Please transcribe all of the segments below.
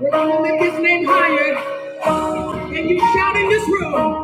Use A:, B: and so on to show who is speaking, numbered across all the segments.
A: We're gonna lift his name higher, and you shout in this room.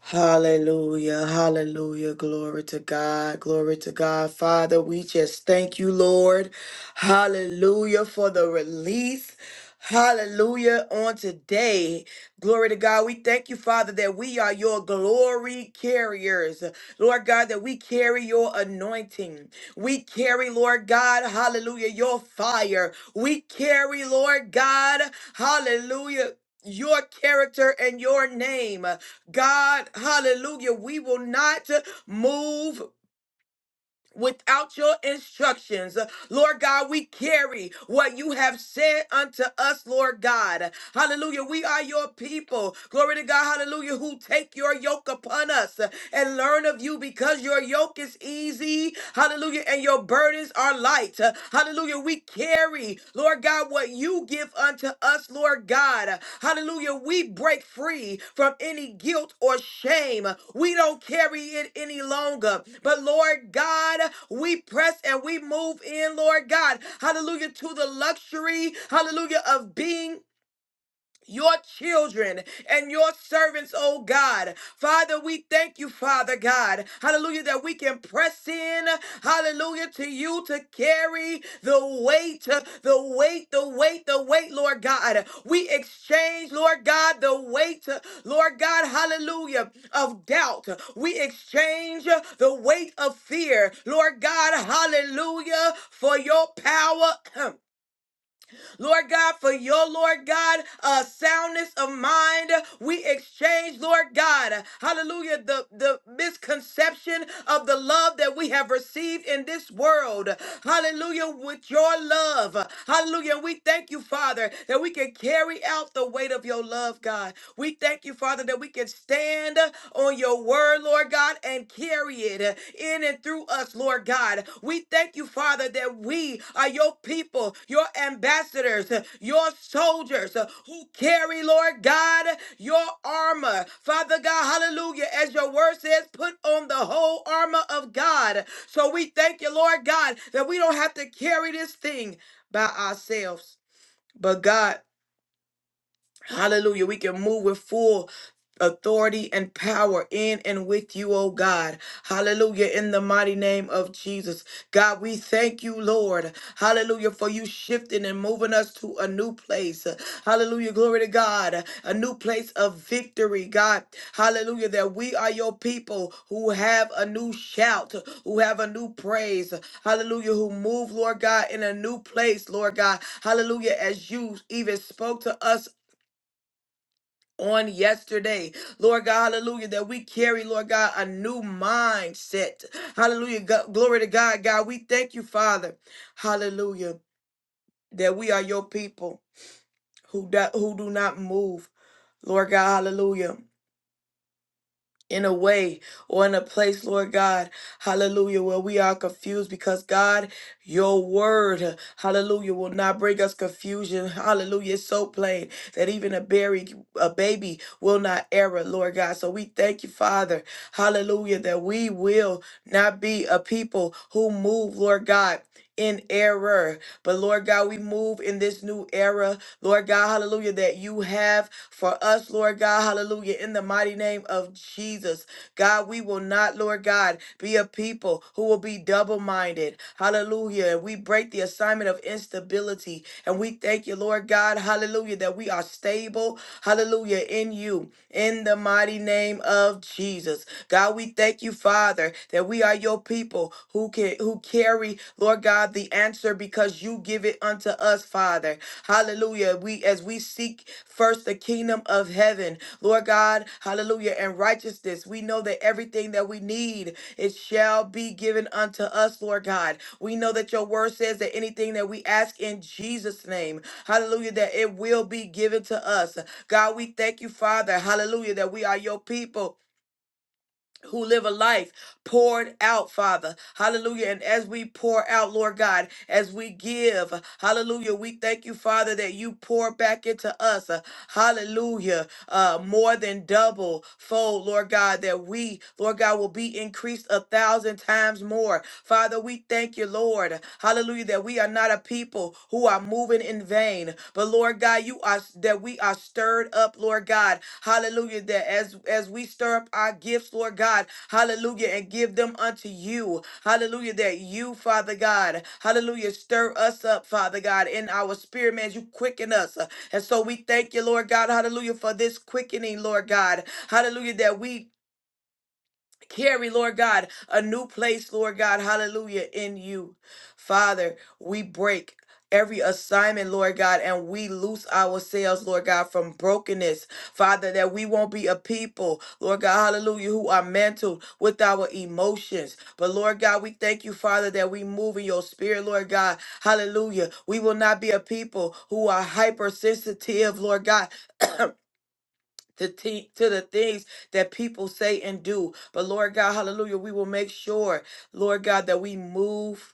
B: Hallelujah, hallelujah. Glory to God, glory to God. Father, we just thank you, Lord. Hallelujah for the release. Hallelujah on today. Glory to God. We thank you, Father, that we are your glory carriers. Lord God, that we carry your anointing. We carry, Lord God, hallelujah, your fire. We carry, Lord God, hallelujah, your character and your name. God, hallelujah, we will not move without your instructions. Lord God, we carry what you have said unto us, Lord God. Hallelujah, we are your people. Glory to God, hallelujah, who take your yoke upon us and learn of you because your yoke is easy. Hallelujah, and your burdens are light. Hallelujah, we carry, Lord Lord God, what you give unto us, Lord God. Hallelujah. We break free from any guilt or shame. We don't carry it any longer. But Lord God, we press and we move in, Lord God. Hallelujah. To the luxury, hallelujah, of being your children and your servants, oh God. Father, we thank you, Father God. Hallelujah, that we can press in, hallelujah, to you to carry the weight, the weight, the weight, the weight, Lord God. We exchange, Lord God, the weight, Lord God, hallelujah, of doubt. We exchange the weight of fear, Lord God, hallelujah, for your power. Lord God, for your, Lord God, uh, soundness of mind. We exchange, Lord God, hallelujah, the, the misconception of the love that we have received in this world. Hallelujah, with your love. Hallelujah. We thank you, Father, that we can carry out the weight of your love, God. We thank you, Father, that we can stand on your word word, Lord God, and carry it in and through us, Lord God. We thank you, Father, that we are your people, your ambassadors, your soldiers who carry, Lord God, your armor. Father God, hallelujah. As your word says, put on the whole armor of God. So we thank you, Lord God, that we don't have to carry this thing by ourselves. But God, Hallelujah. We can move with full authority and power in and with you, oh God. Hallelujah. In the mighty name of Jesus. God, we thank you, Lord. Hallelujah. For you shifting and moving us to a new place. Hallelujah. Glory to God. A new place of victory, God. Hallelujah. That we are your people who have a new shout, who have a new praise. Hallelujah. Who move, Lord God, in a new place, Lord God. Hallelujah. As you even spoke to us on yesterday, Lord God, hallelujah, that we carry, Lord God, a new mindset. Hallelujah. Go- glory to God, God. We thank you, Father. Hallelujah. That we are your people who do, who do not move. Lord God, hallelujah in a way or in a place, Lord God, hallelujah, where we are confused because God, your word, hallelujah, will not bring us confusion. Hallelujah. It's so plain that even a berry, a baby will not err, Lord God. So we thank you, Father, hallelujah, that we will not be a people who move, Lord God. In error, but Lord God, we move in this new era, Lord God, hallelujah, that you have for us, Lord God. Hallelujah. In the mighty name of Jesus, God, we will not, Lord God, be a people who will be double minded. Hallelujah. And we break the assignment of instability. And we thank you, Lord God. Hallelujah. That we are stable. Hallelujah. In you in the mighty name of Jesus. God, we thank you, Father, that we are your people who can who carry, Lord God, the answer because you give it unto us, Father. Hallelujah. We as we seek first the kingdom of heaven, Lord God, hallelujah, and righteousness. We know that everything that we need, it shall be given unto us, Lord God. We know that your word says that anything that we ask in Jesus' name, hallelujah, that it will be given to us. God, we thank you, Father. Hallelujah, that we are your people who live a life poured out, Father. Hallelujah. And as we pour out, Lord God, as we give, hallelujah, we thank you, Father, that you pour back into us, uh, hallelujah, uh, more than double fold, Lord God, that we, Lord God, will be increased a thousand times more. Father, we thank you, Lord, hallelujah, that we are not a people who are moving in in vain. But Lord God, you are that we are stirred up, Lord God. Hallelujah. That as as we stir up our gifts, Lord God, hallelujah, and give them unto you. Hallelujah. That you, Father God, hallelujah, stir us up, Father God, in our spirit, man. You quicken us. And so we thank you, Lord God, hallelujah, for this quickening, Lord God. Hallelujah. That we carry, Lord God, a new place, Lord God, hallelujah, in you. Father, we break. Every assignment, Lord God, and we loose ourselves, Lord God, from brokenness, Father, that we won't be a people, Lord God, hallelujah, who are mantled with our emotions. But Lord God, we thank you, Father, that we move in your spirit, Lord God, hallelujah. We will not be a people who are hypersensitive, Lord God, to, te- to the things that people say and do. But Lord God, hallelujah, we will make sure, Lord God, that we move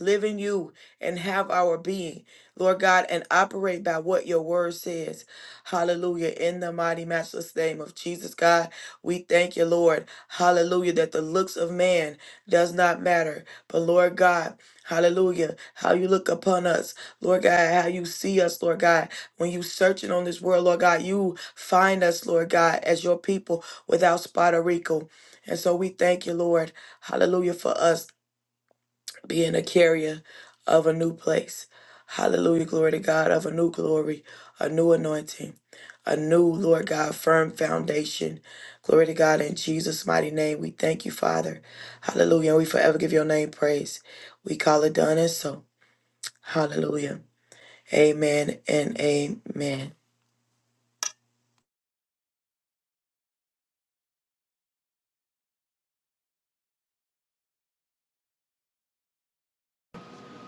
B: live in you and have our being, Lord God, and operate by what your word says. Hallelujah. In the mighty, matchless name of Jesus, God, we thank you, Lord. Hallelujah. That the looks of man does not matter. But, Lord God, hallelujah, how you look upon us, Lord God, how you see us, Lord God. When you searching on this world, Lord God, you find us, Lord God, as your people without spot or wrinkle. And so we thank you, Lord. Hallelujah for us being a carrier of a new place. Hallelujah, glory to God, of a new glory, a new anointing, a new, Lord God, firm foundation. Glory to God in Jesus' mighty name. We thank you, Father. Hallelujah. And we forever give your name praise. We call it done and so. Hallelujah. Amen and amen.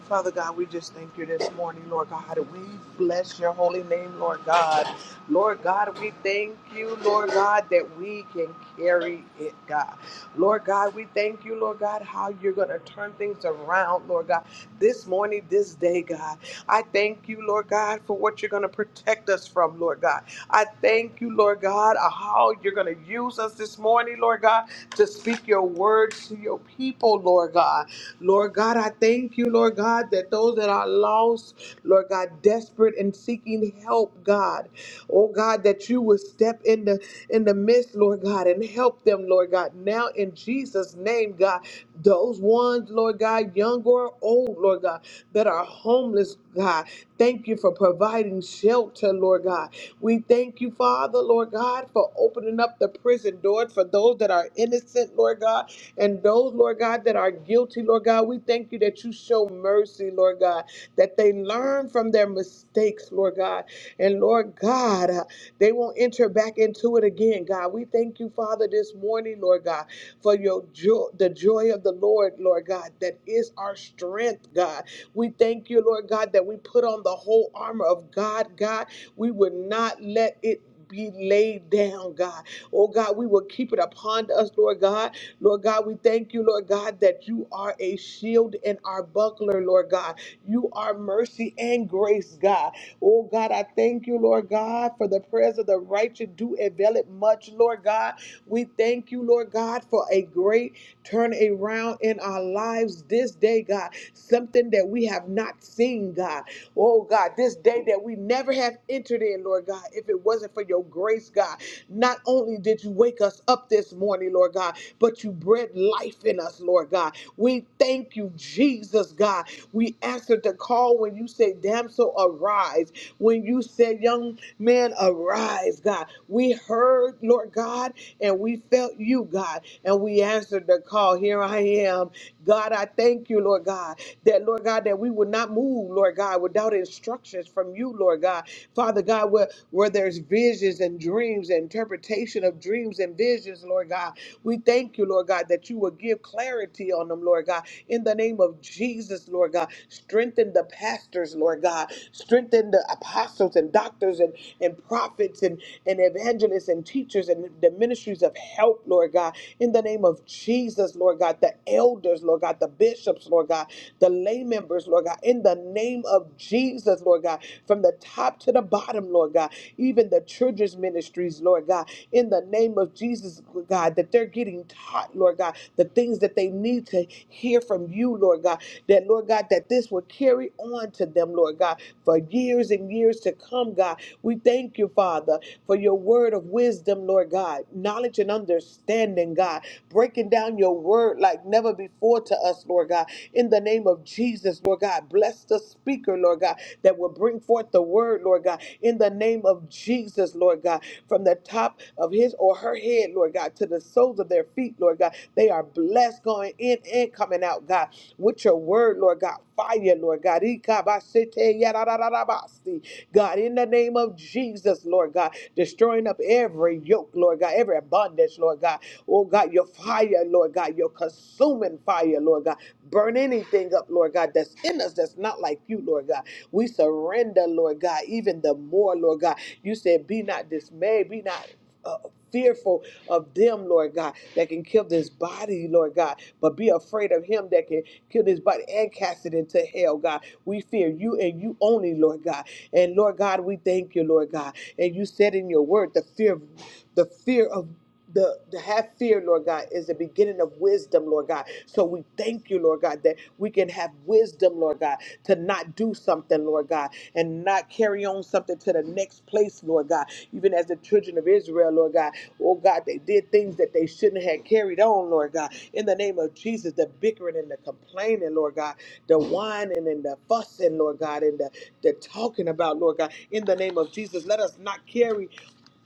C: Father God, we just thank you this morning, Lord God. We bless your holy name, Lord God. Lord God, we thank you, Lord God, that we can carry it, God. Lord God, we thank you, Lord God, how you're going to turn things around, Lord God, this morning, this day, God. I thank you, Lord God, for what you're going to protect us from, Lord God. I thank you, Lord God, how you're going to use us this morning, Lord God, to speak your words to your people, Lord God. God. Lord God, I thank you, Lord God, that those that are lost, Lord God, desperate and seeking help, God. Oh God, that you would step in the in the midst, Lord God, and help them, Lord God. Now in Jesus' name, God, those ones, Lord God, young or old, Lord God, that are homeless. God. Thank you for providing shelter, Lord God. We thank you, Father, Lord God, for opening up the prison doors for those that are innocent, Lord God, and those, Lord God, that are guilty, Lord God. We thank you that you show mercy, Lord God, that they learn from their mistakes, Lord God. And Lord God, uh, they won't enter back into it again, God. We thank you, Father, this morning, Lord God, for your joy, the joy of the Lord, Lord God, that is our strength, God. We thank you, Lord God, that we put on the whole armor of God, God. We would not let it be laid down, God. Oh God, we will keep it upon us, Lord God. Lord God, we thank you, Lord God, that you are a shield and our buckler, Lord God. You are mercy and grace, God. Oh God, I thank you, Lord God, for the prayers of the righteous do avail it much, Lord God. We thank you, Lord God, for a great turn around in our lives this day, God. God, something that we have not seen, God. Oh, God, this day that we never have entered in, Lord God, if it wasn't for your grace, God, not only did you wake us up this morning, Lord God, but you bred life in us, Lord God. We thank you, Jesus, God. We answered the call when you said, Damsel, arise. When you said, Young man, arise, God. We heard, Lord God, and we felt you, God, and we answered the call. Here I am. God, I thank you, Lord God, that, Lord God, that we would not move, Lord God, without instructions from you, Lord God. Father God, where, where there's visions and dreams, and interpretation of dreams and visions, Lord God, we thank you, Lord God, that you will give clarity on them, Lord God. In the name of Jesus, Lord God, strengthen the pastors, Lord God, strengthen the apostles and doctors and, and prophets and, and evangelists and teachers and the ministries of help, Lord God. In the name of Jesus, Lord. Lord God, the elders, Lord God, the bishops, Lord God, the lay members, Lord God, in the name of Jesus, Lord God, from the top to the bottom, Lord God, even the children's ministries, Lord God, in the name of Jesus, Lord God, that they're getting taught, Lord God, the things that they need to hear from you, Lord God, that, Lord God, that this will carry on to them, Lord God, for years and years to come, God. We thank you, Father, for your word of wisdom, Lord God, knowledge and understanding, God. God, breaking down your word like never before to us, Lord God. In the name of Jesus, Lord God, bless the speaker, Lord God, that will bring forth the word, Lord God. In the name of Jesus, Lord God, from the top of his or her head, Lord God, to the soles of their feet, Lord God, they are blessed going in and coming out, God, with your word, Lord God fire, Lord God. Ikabashete yarararabasi. God, in the name of Jesus, Lord God, destroying up every yoke, Lord God, every bondage, Lord God. Oh God, your fire, Lord God, your consuming fire, Lord God. Burn anything up, Lord God, that's in us that's not like you, Lord God. We surrender, Lord God, even the more, Lord God. You said, Be not dismayed, be not uh, fearful of them, Lord God, that can kill this body, Lord God, but be afraid of him that can kill this body and cast it into hell, God. We fear you and you only, Lord God. And Lord God, we thank you, Lord God. And you said in your word, the fear, the fear of the to have fear, Lord God, is the beginning of wisdom, Lord God. So we thank you, Lord God, that we can have wisdom, Lord God, to not do something, Lord God, and not carry on something to the next place, Lord God. Even as the children of Israel, Lord God, oh God, they did things that they shouldn't have carried on, Lord God. In the name of Jesus, the bickering and the complaining, Lord God, the whining and the fussing, Lord God, and the, the talking about, Lord God. In the name of Jesus, let us not carry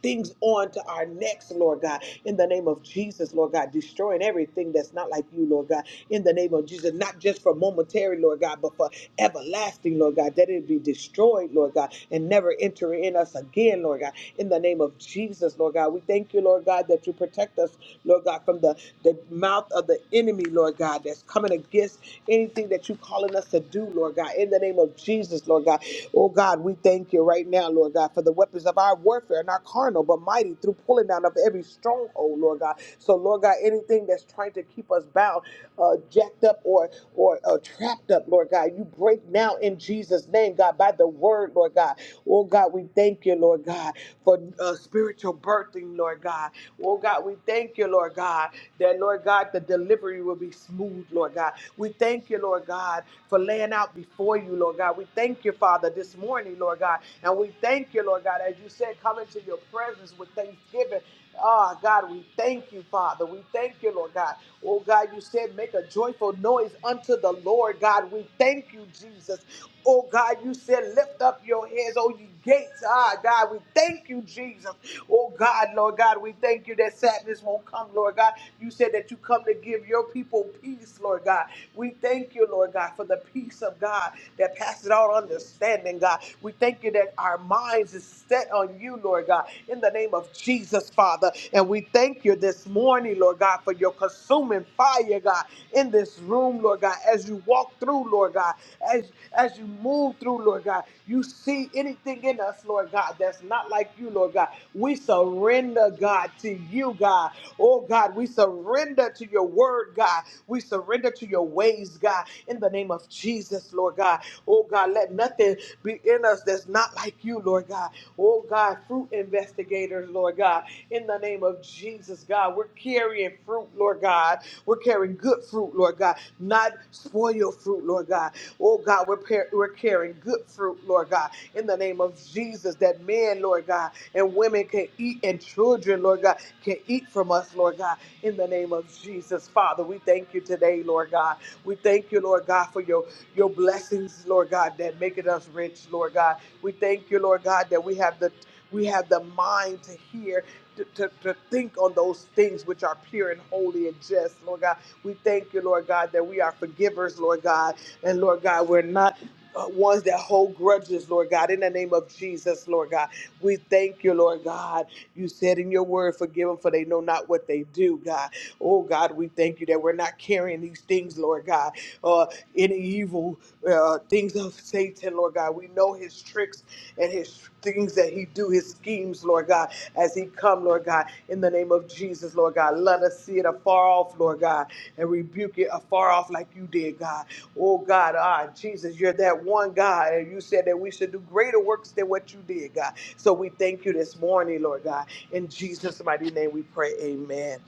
C: things on to our necks, Lord God. In the name of Jesus, Lord God, destroying everything that's not like you, Lord God. In the name of Jesus, not just for momentary, Lord God, but for everlasting, Lord God, that it be destroyed, Lord God, and never enter in us again, Lord God. In the name of Jesus, Lord God, we thank you, Lord God, that you protect us, Lord God, from the, the mouth of the enemy enemy, Lord God, that's coming against anything that you're calling us to do, Lord God, in the name of Jesus, Lord God. Oh God, we thank you right now, Lord God, for the weapons of our warfare and our carnal, but mighty through pulling down of every stronghold, Lord God. So, Lord God, anything that's trying to keep us bound, uh, jacked up, or or uh, trapped up, Lord God, you break now in Jesus' name, God. God, by the word, Lord God. Oh God, we thank you, Lord God, for uh, spiritual birthing, Lord God. Oh God, we thank you, Lord God, that Lord God, the delivery will be smooth, Lord God. We thank you, Lord God, for laying out before you, Lord God. We thank you, Father, this morning, Lord God. And we thank you, Lord God, as you said, come into your presence with thanksgiving. Ah, God, we thank you, Father. We thank you, Lord God. Oh, God, you said, make a joyful noise unto the Lord, God. We thank you, Jesus. Oh God, you said, lift up your heads, oh ye gates. Ah, God, we thank you, Jesus. Oh God, Lord God, we thank you that sadness won't come, Lord God. You said that you come to give your people peace, Lord God. We thank you, Lord God, for the peace of God that passes all understanding, God. We thank you that our minds is set on you, Lord God, in the name of Jesus, Father. And we thank you this morning, Lord God, for your consuming fire, God, in this room, Lord God, as you walk through, Lord God, as as you move through, Lord God, you see anything in us, Lord God, that's not like you, Lord God. We surrender, God, to you, God. Oh God, we surrender to your word, God. We surrender to your ways, God, in the name name of Jesus, Lord God. Oh God, let nothing be in us that's not like you, Lord God. Oh God, fruit investigators, Lord God. In the name of Jesus, God, we're carrying fruit, Lord God. We're carrying good fruit, Lord God, not spoiled fruit, Lord God. Oh God, we're, par- we're carrying good fruit, Lord God. In the name of Jesus, that men, Lord God, and women can eat, and children, Lord God, can eat from us, Lord God. In the name of Jesus, Father, we thank you today, Lord God. We thank you, Lord God, for your, your blessings, Lord God, that make it us rich, Lord God. We thank you, Lord God, that we have the we have the mind to hear, to, to, to think on those things which are pure and holy and just, Lord God. We thank you, Lord God, that we are forgivers, Lord God. And Lord God, we're not uh, ones that hold grudges, Lord God, in the name of Jesus, Lord God. We thank you, Lord God. You said in your word, forgive them for they know not what they do, God. Oh, God, we thank you that we're not carrying these things, Lord God, uh, any evil uh, things of Satan, Lord God. We know his tricks and his things that he do, his schemes, Lord God, as he come, Lord God, in the name of Jesus, Lord God. Let us see it afar off, Lord God, and rebuke it afar off like you did, God. Oh God, ah, Jesus, you're that one God, and you said that we should do greater works than what you did, God. So we thank you this morning, Lord God. In Jesus' mighty name we pray, amen.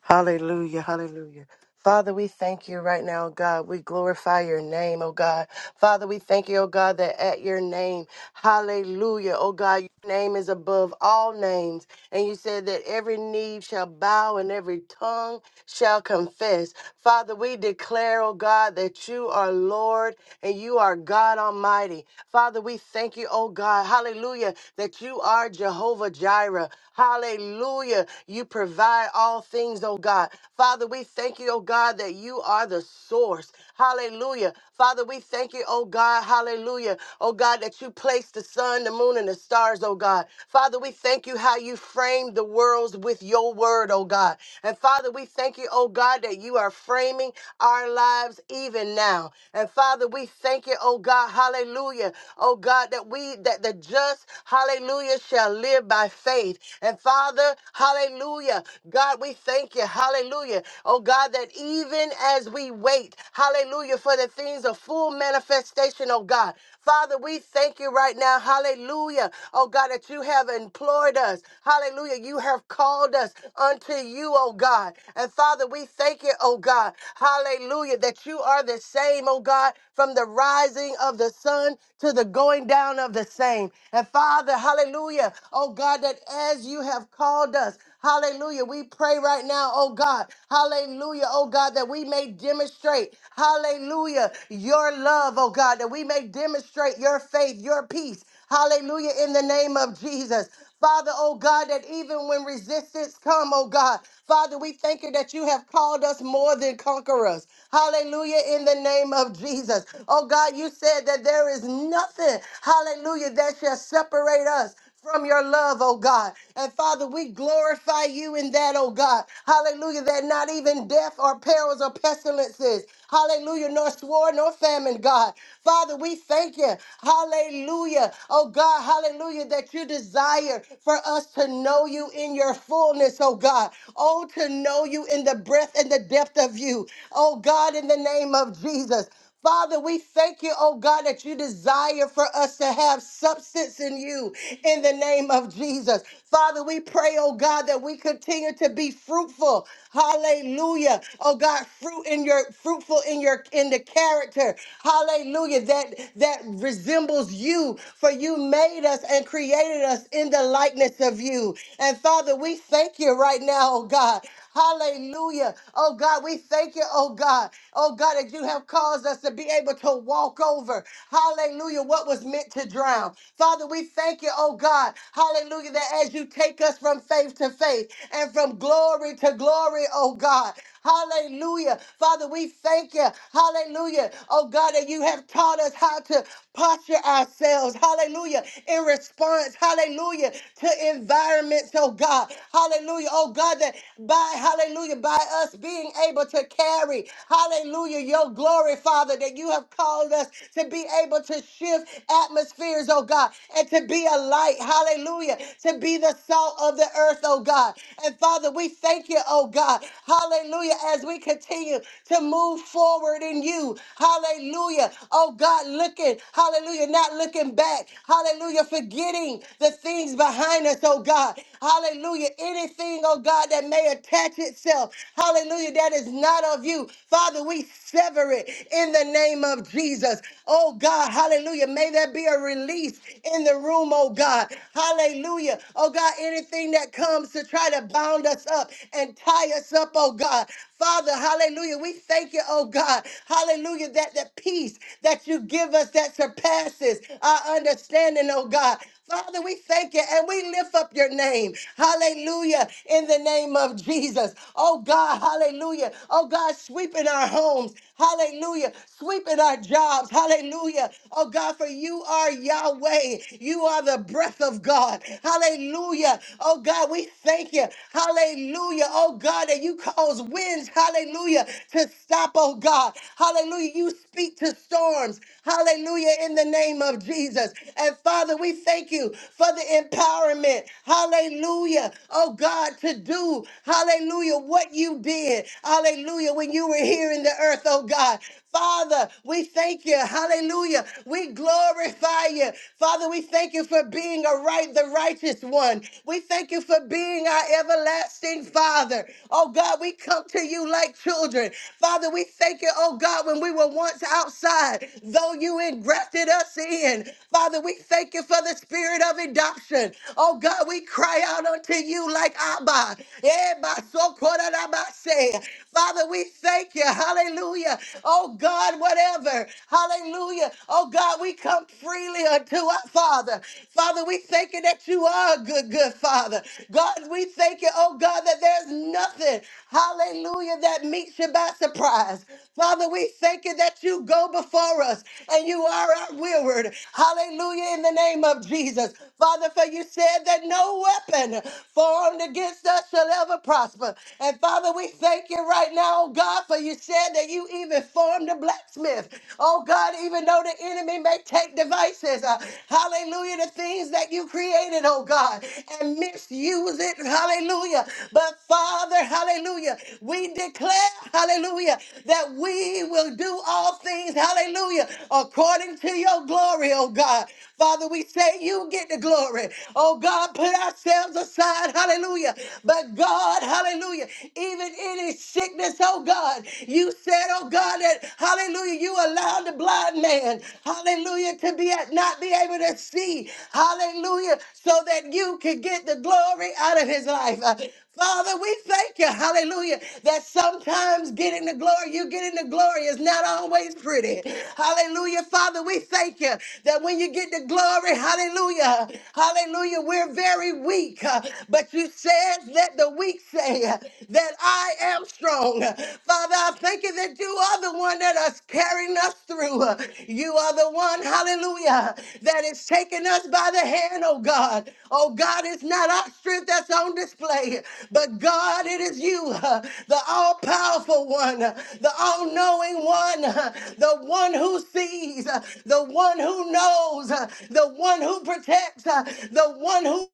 D: Hallelujah, hallelujah. Father, we thank you right now, oh God. We glorify your name, oh God. Father, we thank you, oh God, that at your name, hallelujah, oh God, your name is above all names. And you said that every knee shall bow and every tongue shall confess. Father, we declare, oh God, that you are Lord and you are God Almighty. Father, we thank you, oh God, hallelujah, that you are Jehovah Jireh. Hallelujah. You provide all things, oh God. Father, we thank you, oh God, that you are the source. Hallelujah. Father, we thank you, oh God, hallelujah, oh God, that you place the sun, the moon, and the stars, oh God. Father, we thank you how you framed the worlds with your word, oh God. And Father, we thank you, oh God, that you are framing our lives even even now. And Father, we thank you, oh God, hallelujah. Oh God, that we that the just, hallelujah, shall live by faith. And Father, hallelujah. God, we thank you, hallelujah. Oh God, that even as we wait, hallelujah, for the things of full manifestation, oh God. Father, we thank you right now, hallelujah. Oh God, that you have employed us. Hallelujah. You have called us unto you, oh God. And Father, we thank you, oh God. Hallelujah. That you are the same, oh God, from the rising of the sun to the going down of the same. And Father, hallelujah. Oh God, that as you have called us, Hallelujah. We pray right now, oh God. Hallelujah, oh God, that we may demonstrate, hallelujah, your love, oh God, that we may demonstrate your faith, your peace. Hallelujah, in the name of Jesus. Father, oh God, that even when resistance come, oh God, Father, we thank you that you have called us more than conquerors. Hallelujah, in the name of Jesus. Oh God, you said that there is nothing, hallelujah, that shall separate us from your love, oh God. And Father, we glorify you in that, oh God. Hallelujah, that not even death or perils or pestilences, hallelujah, nor sword nor famine, God. Father, we thank you, hallelujah, oh God, hallelujah. Lord, that you desire for us to know you in your fullness, oh God. Oh, to know you in the breadth and the depth of you. Oh God, in the name of Jesus. Father, we thank you, oh God, that you desire for us to have substance in you in the name of Jesus. Father, we pray, oh God, that we continue to be fruitful. Hallelujah. Oh God, fruit in your fruitful in your in the character. Hallelujah. That that resembles you. For you you made us and created us in the likeness of you. And Father, we thank you right now, oh God. Hallelujah. Oh God, we thank you, oh God. Oh God, that you have caused us to be able to walk over. Hallelujah. What was meant to drown. Father, we thank you, oh God. Hallelujah. That as you take us from faith to faith and from glory to glory, oh God. Hallelujah. Father, we thank you. Hallelujah. Oh God, that you have taught us how to posture ourselves. Hallelujah. In response, hallelujah, to environments, oh God. Hallelujah. Oh God, that by hallelujah, by us being able to carry, hallelujah, your glory, Father, that you have called us to be able to shift atmospheres, oh God, and to be a light, hallelujah, to be the salt of the earth, oh God. And Father, we thank you, oh God. Hallelujah. Hallelujah. As we continue to move forward in you. Hallelujah. Oh God, looking. Hallelujah. Not looking back. Hallelujah. Forgetting the things behind us, oh God. Hallelujah. Anything, oh God, that may attach itself. Hallelujah. That is not of you. Father, we sever it in the name of Jesus. Oh God. Hallelujah. May there be a release in the room, oh God. Hallelujah. Oh God, anything that comes to try to bound us up and tie us up, oh God. Father, hallelujah. We thank you, oh God. Hallelujah. That the peace that you give us that surpasses our understanding, oh God. Father, we thank you and we lift up your name. Hallelujah. In the name of Jesus. Oh God, hallelujah. Oh God, sweep in our homes. Hallelujah. Sweep in our jobs. Hallelujah. Oh God, for you are Yahweh. You are the breath of God. Hallelujah. Oh God, we thank you. Hallelujah. Oh God, that you cause winds, hallelujah, to stop, oh God. Hallelujah. You speak to storms, hallelujah, in the name of Jesus. And Father, we thank you for the empowerment, hallelujah, oh God, to do, hallelujah, what you did, hallelujah, when you were here in the earth, oh God. Father, we thank you. Hallelujah. We glorify you. Father, we thank you for being a right, the righteous one. We thank you for being our everlasting Father. Oh God, we come to you like children. Father, we thank you, oh God, when we were once outside, though you engrafted us in. Father, we thank you for the spirit of adoption. Oh God, we cry out unto you like Abba. Eh, basokorabase. Father, we thank you. Hallelujah. Oh God, whatever. Hallelujah. Oh God, we come freely unto our Father. Father, we thank you that you are a good, good Father. God, we thank you, oh God, that there's nothing, hallelujah, that meets you by surprise. Father, we thank you that you go before us and you are our reward. Hallelujah, in the name of Jesus. Father, for you said that no weapon formed against us shall ever prosper. And Father, we thank you right now, oh God, for you said that you even formed a blacksmith. Oh God, even though the enemy may take devices, uh, hallelujah, the things that you created, oh God, and misuse it, hallelujah. But Father, hallelujah. We declare, hallelujah, that we will do all things, hallelujah, according to your glory, oh God. Father, we say you get the glory. Oh God, put ourselves aside, hallelujah. But God, hallelujah, even in his sickness, oh God, you said, oh God, that hallelujah, you allowed the blind man, hallelujah, to be at, not be able to see, hallelujah, so that you could get the glory out of his life. Uh, Father, we thank you, hallelujah, that sometimes getting the glory, you getting the glory is not always pretty. Hallelujah, Father, we thank you that when you get the glory, hallelujah, hallelujah, we're very weak. uh, But you said, let the weak say uh, that I am strong. Father, I thank you that you are the one that is carrying us through. Uh, You are the one, hallelujah, that is taking us by the hand, oh God. Oh God, it's not our strength that's on display. But God, it is you, uh, the all powerful one, uh, the all knowing one, uh, the one who sees, uh, the one who knows, uh, the one who protects, uh, the one who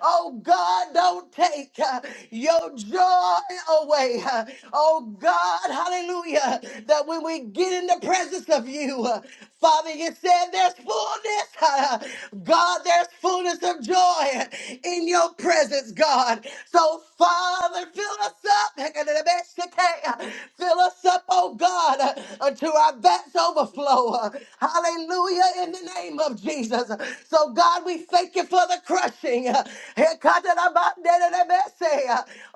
D: Oh God, don't take uh, your joy away. uh, oh God, hallelujah. That when we get in the presence of you, Father, you said there's fullness. God, there's fullness of joy in your presence, God. So, Father, fill us up. Fill us up, oh God, until our vats overflow. Hallelujah, in the name of Jesus. So, God, we thank you for the crushing.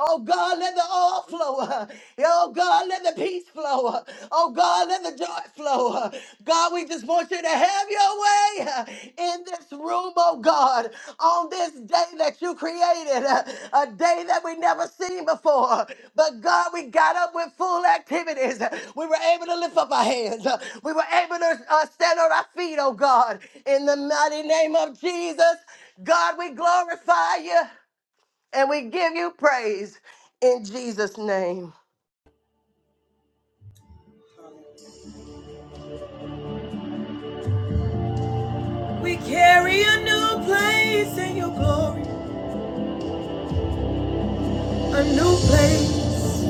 D: Oh God, let the oil flow. Oh God, let the peace flow. Oh God, let the joy flow. God, we just want you to have your way in this room, oh God, on this day that you created, a day that we never seen before. But God, we got up with full activities. We were able to lift up our hands. We were able to uh, stand on our feet, oh God, in the mighty name of Jesus. God, we glorify you and we give you praise in Jesus' name.
B: We carry a new place in your glory, a new place,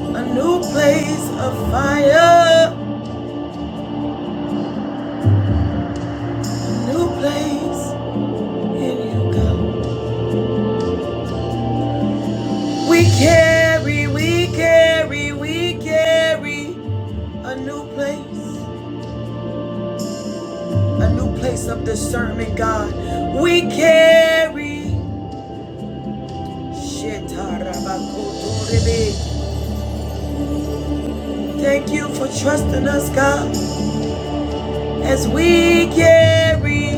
B: a new place of fire, a new place. We carry, we carry, we carry a new place, a new place of discernment, God. We carry. Thank you for trusting us, God, as we carry,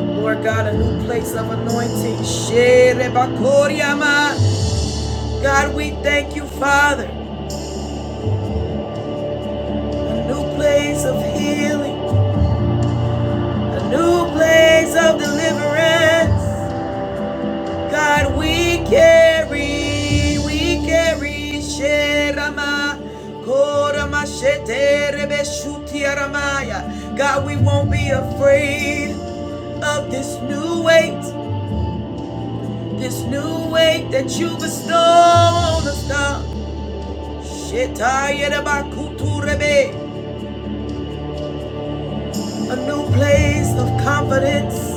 B: Lord God, a new place of anointing. God, we thank you, Father, a new place of healing. A new place of deliverance. God, we carry, we carry. Sherama, Korama, Shete, Rebe, God, we won't be afraid of this new weight, this new weight that you bestow on us, God. Shetaya, Reba, A new place of confidence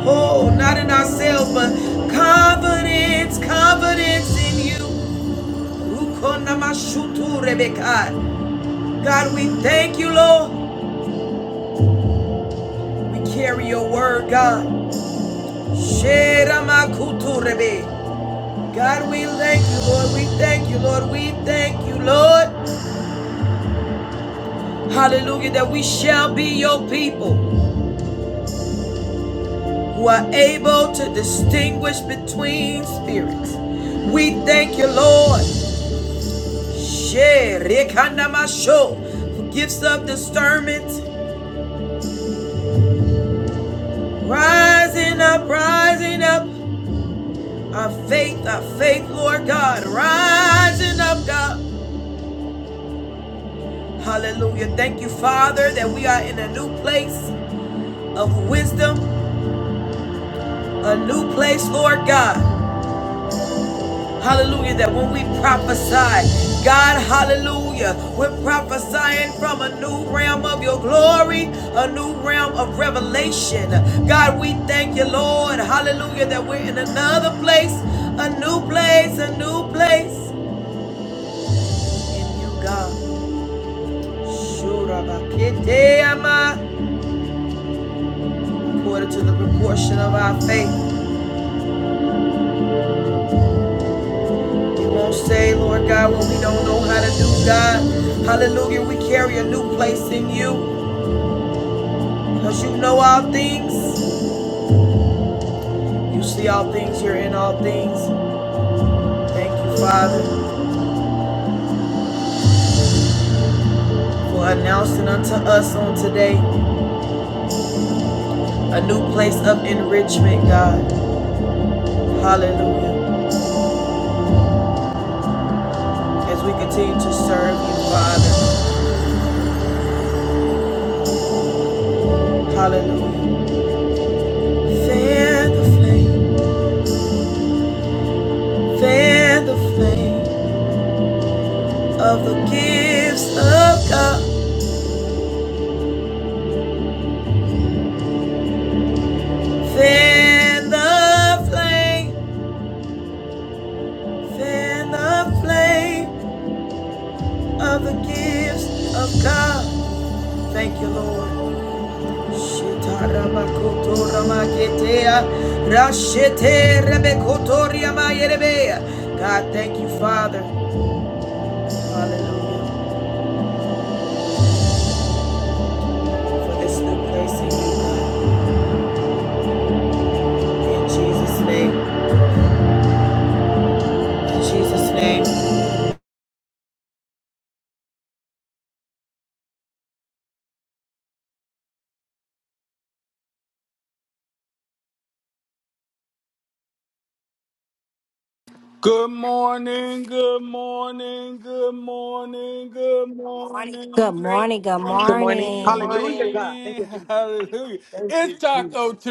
B: Oh, not in ourselves, but confidence, confidence in you. Rukonamashutu rebekai. God, we thank you, Lord. We carry your word, God. Sheramakutu rebe. God, we thank you, Lord. We thank you, Lord. We thank you, Lord. Hallelujah, that we shall be your people who are able to distinguish between spirits. We thank you, Lord. She rekanamasho. Who gives up discernment? Rising up, rising up. Our faith, our faith, Lord God. Rising up, God. Hallelujah. Thank you, Father, that we are in a new place of wisdom, a new place, Lord God. Hallelujah, that when we prophesy, God, hallelujah, we're prophesying from a new realm of your glory, a new realm of revelation. God, we thank you, Lord, hallelujah, that we're in another place, a new place, a new place in you, God. Shurabaketeama, According to the proportion of our faith, we won't say, Lord God, what we don't know how to do, God. Hallelujah, we carry a new place in you because you know all things. You see all things, you're in all things. Thank you, Father, for announcing unto us on today a new place of enrichment, God. Hallelujah. As we continue to serve you, Father. Hallelujah. Fan the flame, fan the flame of the gifts of God. Fan the flame, fan the flame of the gifts of God. Thank you, Lord. God, thank you, Father. Hallelujah. For this new place, In Jesus' name. In Jesus' name.
E: Good morning. Good
C: Good morning.
E: morning.
C: Hallelujah,
D: morning.
C: God. Thank you, Jesus. Thank you, Jesus.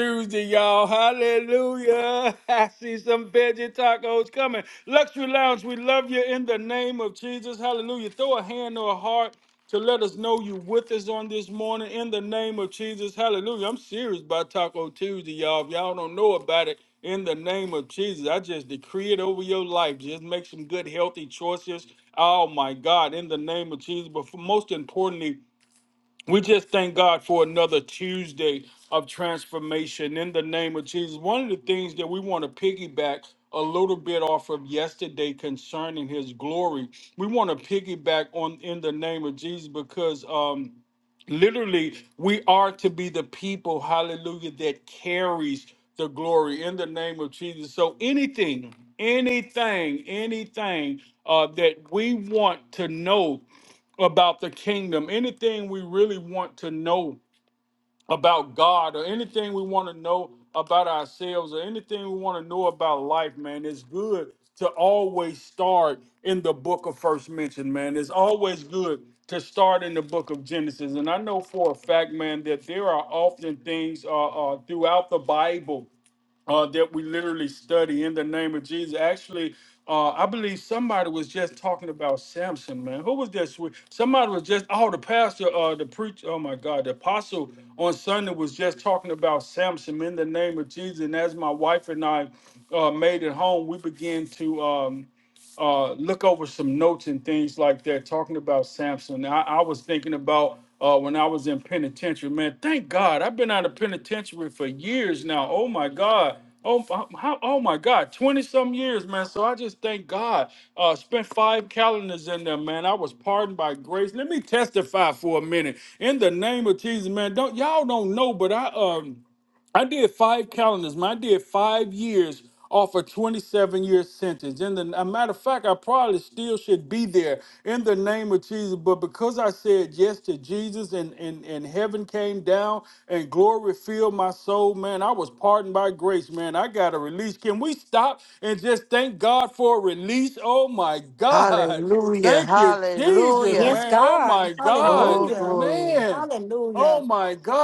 D: Hallelujah. Hallelujah.
E: Yes, God.
D: Oh,
E: Hallelujah.
D: glory.
E: Hallelujah.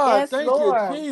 E: Yes, Lord.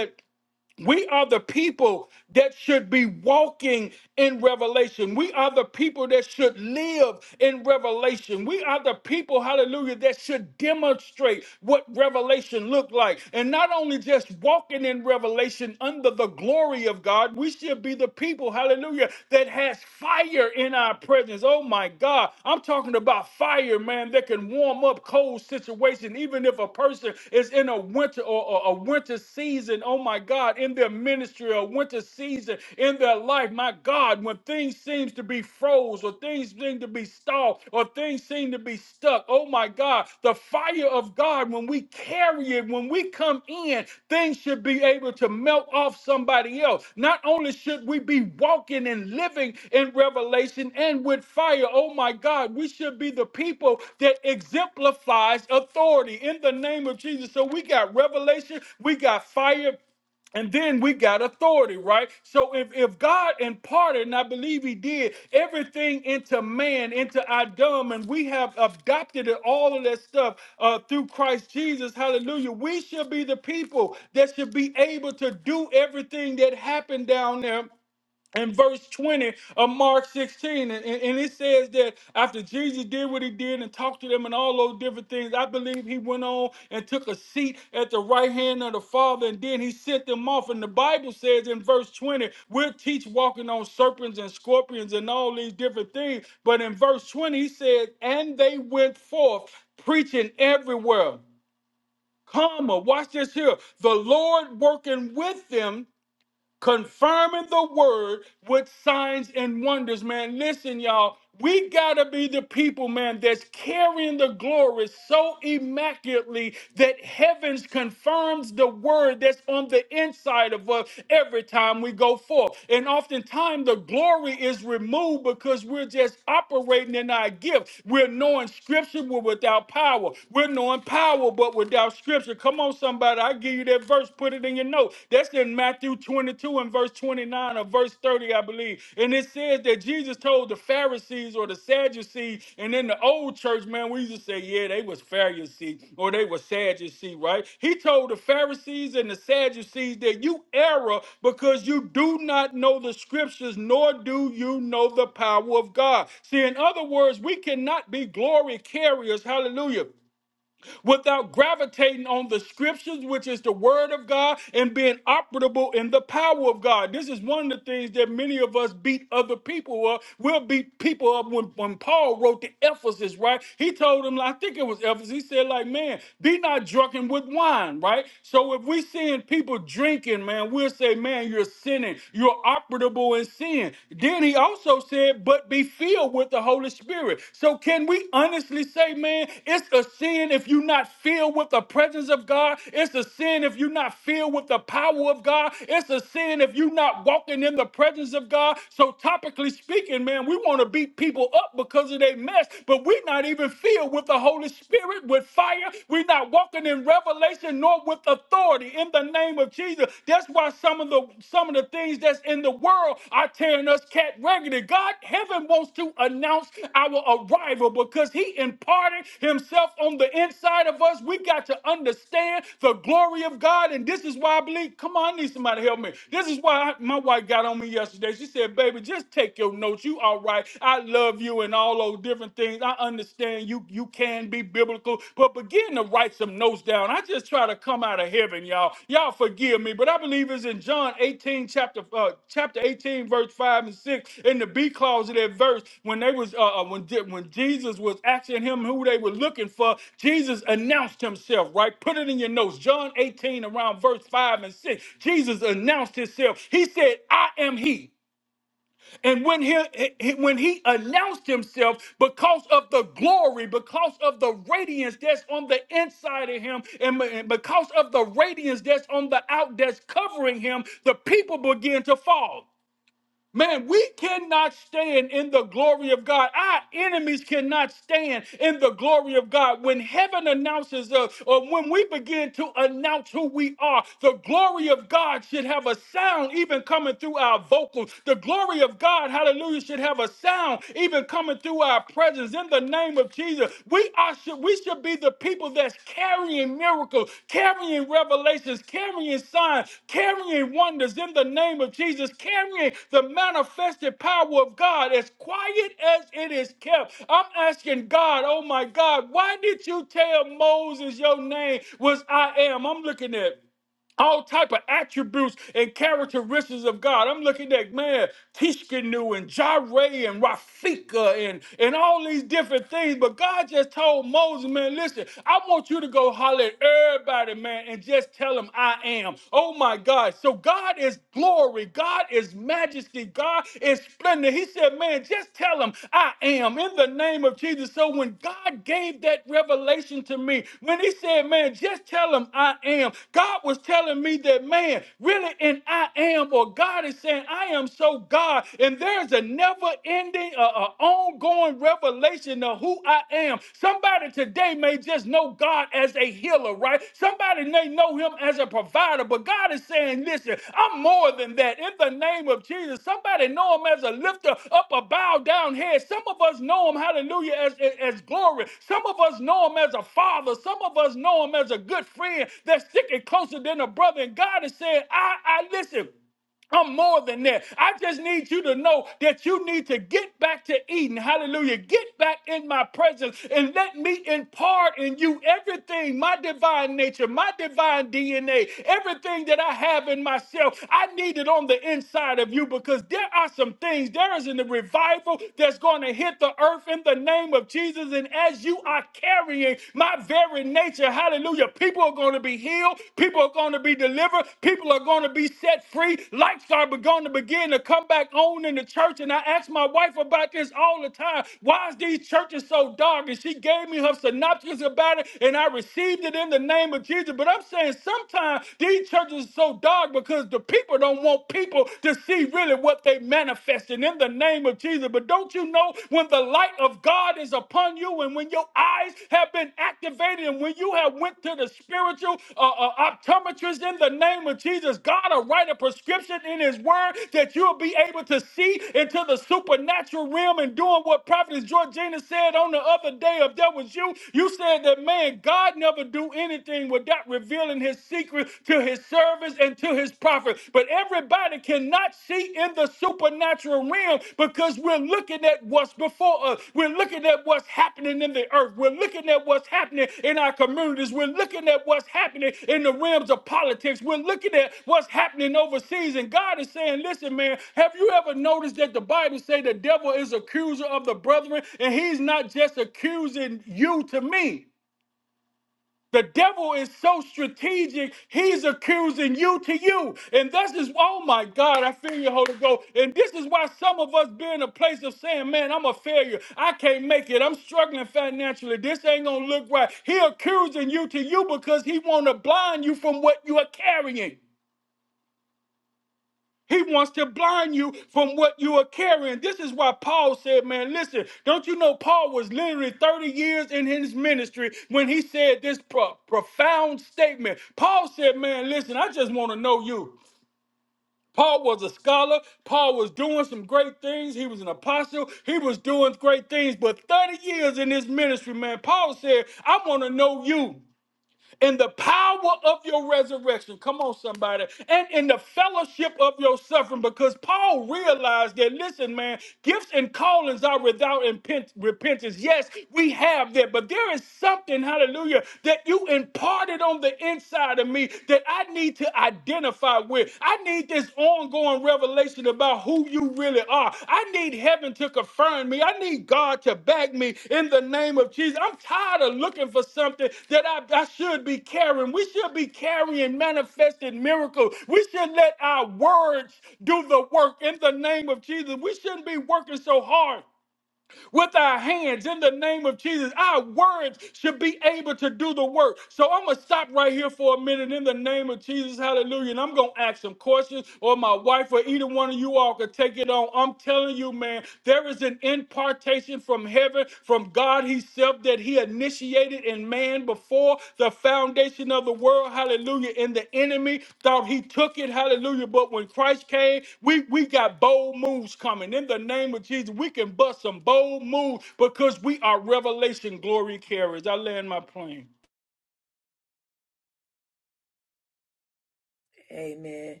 B: Amen.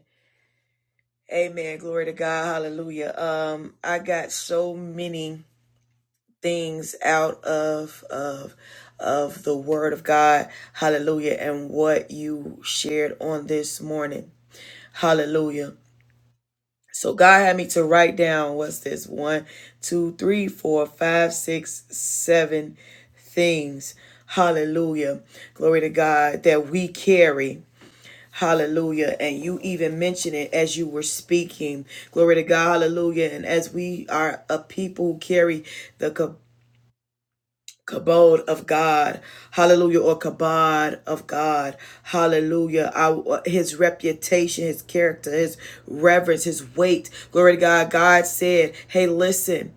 B: Amen. Glory to God. Hallelujah. Um, I got so many things out of of of the word of God. Hallelujah. And what you shared on this morning. Hallelujah. So God had me to write down what's this one, two, three, four, five, six, seven things. Hallelujah. Glory to God that we carry. Hallelujah. And you even mentioned it as you were speaking. Glory to God. Hallelujah. And as we are a people who carry the kabod of God, hallelujah, or kabod of God, hallelujah. Our, his reputation, his character, his reverence, his weight, glory to God. God said, Hey, listen.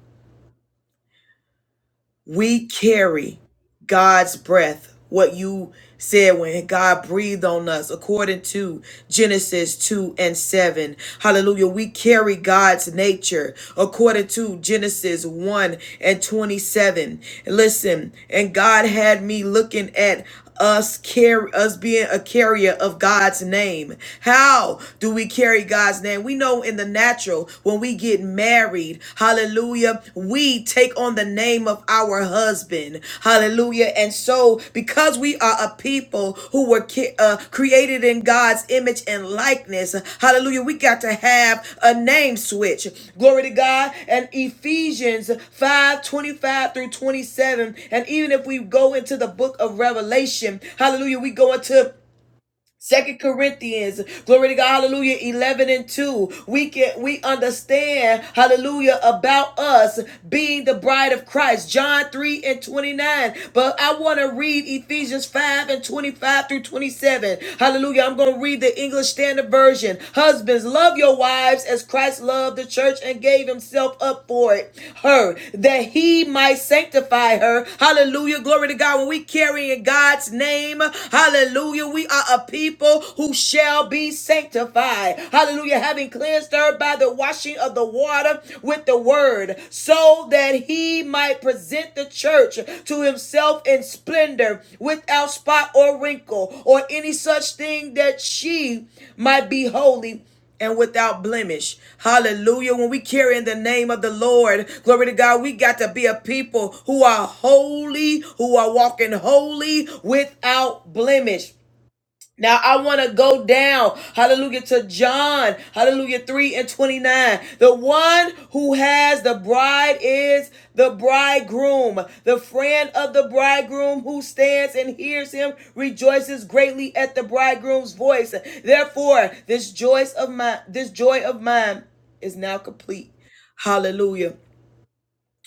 B: We carry God's breath. What you said when God breathed on us, according to Genesis 2 and 7. Hallelujah. We carry God's nature, according to Genesis 1 and 27. Listen, and God had me looking at, us carry us being a carrier of God's name. How do we carry God's name? We know in the natural when we get married, hallelujah, we take on the name of our husband. Hallelujah. And so because we are a people people who were ki- uh, created in God's image and likeness. Hallelujah. We got to have a name switch. Glory to God. And Ephesians 5:25 through 27. And even if we go into the book of Revelation, hallelujah, we go into Second Corinthians, glory to God, hallelujah, 11 and 2. We can, we understand, hallelujah, about us being the bride of Christ. John 3 and 29. But I want to read Ephesians 5 and 25 through 27. Hallelujah. I'm going to read the English Standard Version. Husbands, love your wives as Christ loved the church and gave himself up for it, her, that he might sanctify her. Hallelujah. Glory to God. When we carry in God's name, hallelujah, we are are a people who shall be sanctified. Hallelujah. Having cleansed her by the washing of the water with the word, so that he might present the church to himself in splendor without spot or wrinkle or any such thing that she might be holy and without blemish. Hallelujah. When we carry in the name of the Lord, glory to God, we got to be a people who are holy, who are walking holy without blemish. Now I want to go down, hallelujah, to John, hallelujah, 3 and 29. The one who has the bride is the bridegroom. The friend of the bridegroom who stands and hears him rejoices greatly at the bridegroom's voice. Therefore, this joy of mine, this joy of mine is now complete. Hallelujah.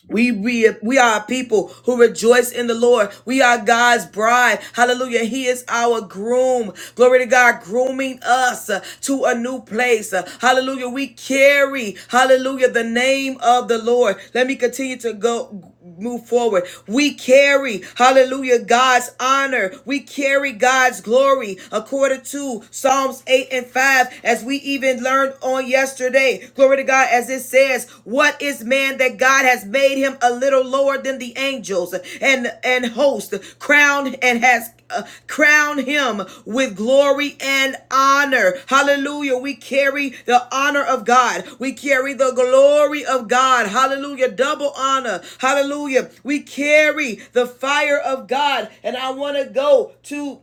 B: We re- we are people who rejoice in the Lord. We are God's bride. Hallelujah. He is our groom. Glory to God, grooming us uh, to a new place. Uh, Hallelujah. We carry, hallelujah, the name of the Lord. Let me continue to go move forward. We carry, hallelujah, God's honor. We carry God's glory according to Psalms 8 and 5, as we even learned on yesterday. Glory to God, as it says, What is man that God has made him a little lower than the angels and, and host, crowned and has uh, crown him with glory and honor. Hallelujah. We carry the honor of God. We carry the glory of God. Hallelujah. Double honor. Hallelujah. We carry the fire of God. And I want to go to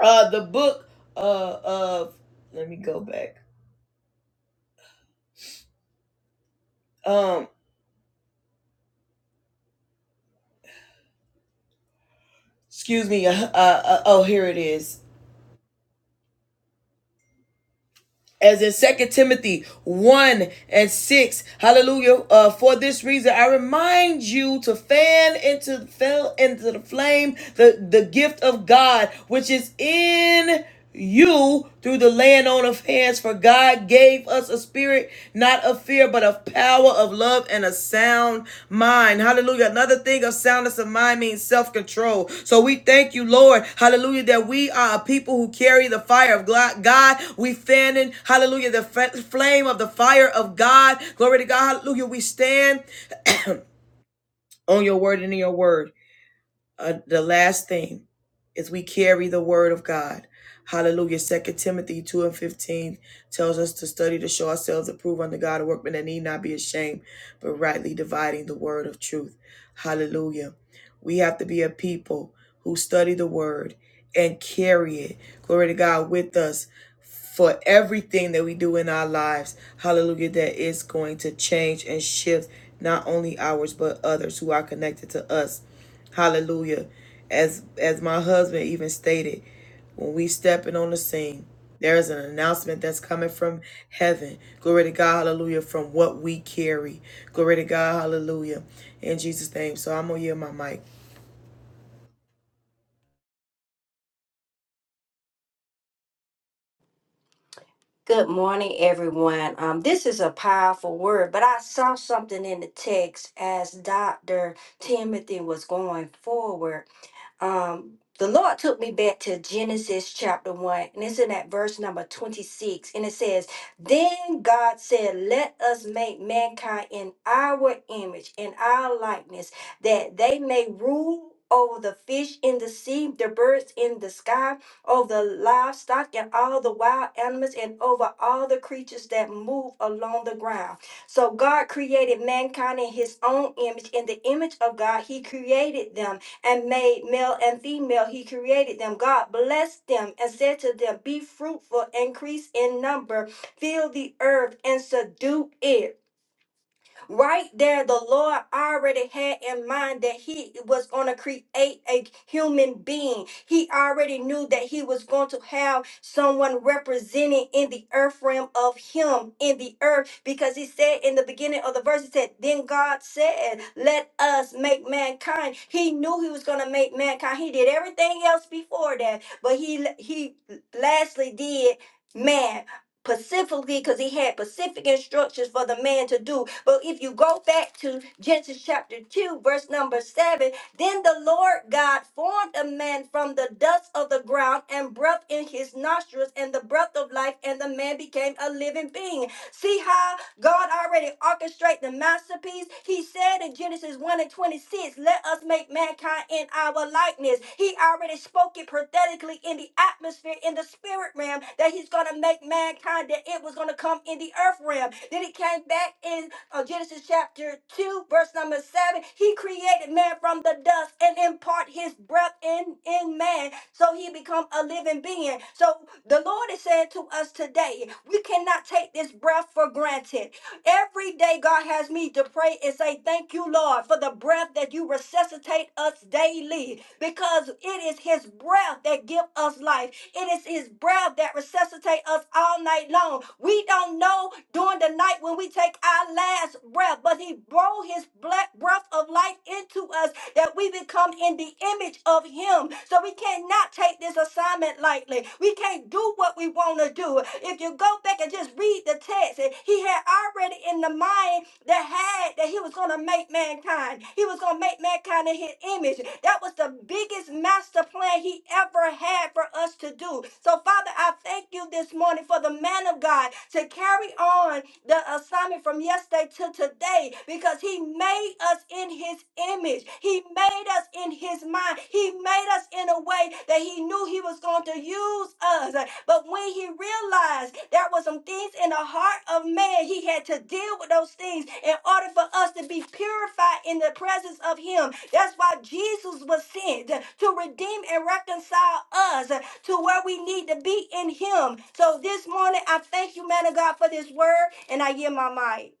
B: uh the book uh of let me go back. Um excuse me. Uh, uh, uh, oh, here it is. as in Second Timothy 1 and 6. Hallelujah. Uh, for this reason, I remind you to fan into fell into the flame the, the gift of God, which is in you through the laying on of hands, for God gave us a spirit not of fear but of power of love and a sound mind hallelujah another thing of soundness of mind means self-control so we thank you lord hallelujah that we are a people who carry the fire of god we fanning hallelujah the flame of the fire of god glory to god Hallelujah. on your word uh, the last thing as we carry the word of God. Hallelujah. Second Timothy 2 and 15 tells us to study to show ourselves approved unto God, a workman that need not be ashamed, but rightly dividing the word of truth. Hallelujah. We have to be a people who study the word and carry it. Glory to God with us for everything that we do in our lives. Hallelujah, that is going to change and shift not only ours but others who are connected to us. Hallelujah. As as my husband even stated, when we stepping on the scene, there is an announcement that's coming from heaven. Glory to God, hallelujah, from what we carry. Glory to God, hallelujah. In Jesus' name. So I'm gonna yield my mic.
E: Good morning, everyone. Um, this is a powerful word, but I saw something in the text as Dr. Timothy was going forward. um, the Lord took me back to Genesis chapter 1, and it's in that verse number 26. And it says, Then God said, Let us make mankind in our image, in our likeness, that they may rule over the fish in the sea, the birds in the sky, over the livestock and all the wild animals, and over all the creatures that move along the ground. So God created mankind in his own image. In the image of God, he created them and made male and female. He created them. God blessed them and said to them, Be fruitful, increase in number, fill the earth and subdue it Right there, the Lord already had in mind that He was going to create a human being. He already knew that He was going to have someone represented in the earth realm of Him in the earth because He said in the beginning of the verse, He said, Then God said, Let us make mankind. He knew He was going to make mankind. He did everything else before that, but He, He lastly did man Specifically, because he had specific instructions for the man to do. But if you go back to Genesis chapter 2, verse number 7, then the Lord God formed a man from the dust of the ground and breathed in his nostrils and the breath of life, and the man became a living being. See how God already orchestrated the masterpiece. He said in Genesis 1 and 26, let us make mankind in our likeness. He already spoke it prophetically in the atmosphere, in the spirit realm, that he's going to make mankind, that it was going to come in the earth realm. Then He it came back in uh, Genesis chapter 2, verse number 7. He created man from the dust and impart his breath in, in man so he become a living being. So the Lord is saying to us today, we cannot take this breath for granted. Every day, God has me to pray and say, Thank you, Lord, for the breath that you resuscitate us daily because it is His breath that give us life. It is His breath that resuscitate us all night long. We don't know during the night when we take our last breath, but He blow His black breath of life into us that we become in the image of Him. So we cannot cannot take this assignment lightly. We can't do what we want to do. If you go back and just read the text, eh, he had already in the mind that had that he was going to make mankind. He was going to make mankind in his image. That was the biggest master plan he ever had for us to do. So, Father, I thank you this morning for the man of God to carry on the assignment from yesterday to today because he made us in his image. He made us in his mind. He made us in a way that he knew he was going to use us. But when he realized there was some things in the heart of man, he had to deal with those things in order for us to be purified in the presence of him. That's why Jesus was sent to redeem and reconcile us to where we need to be in him. So this morning, I thank you, man of God, for this word, and I yield my mic.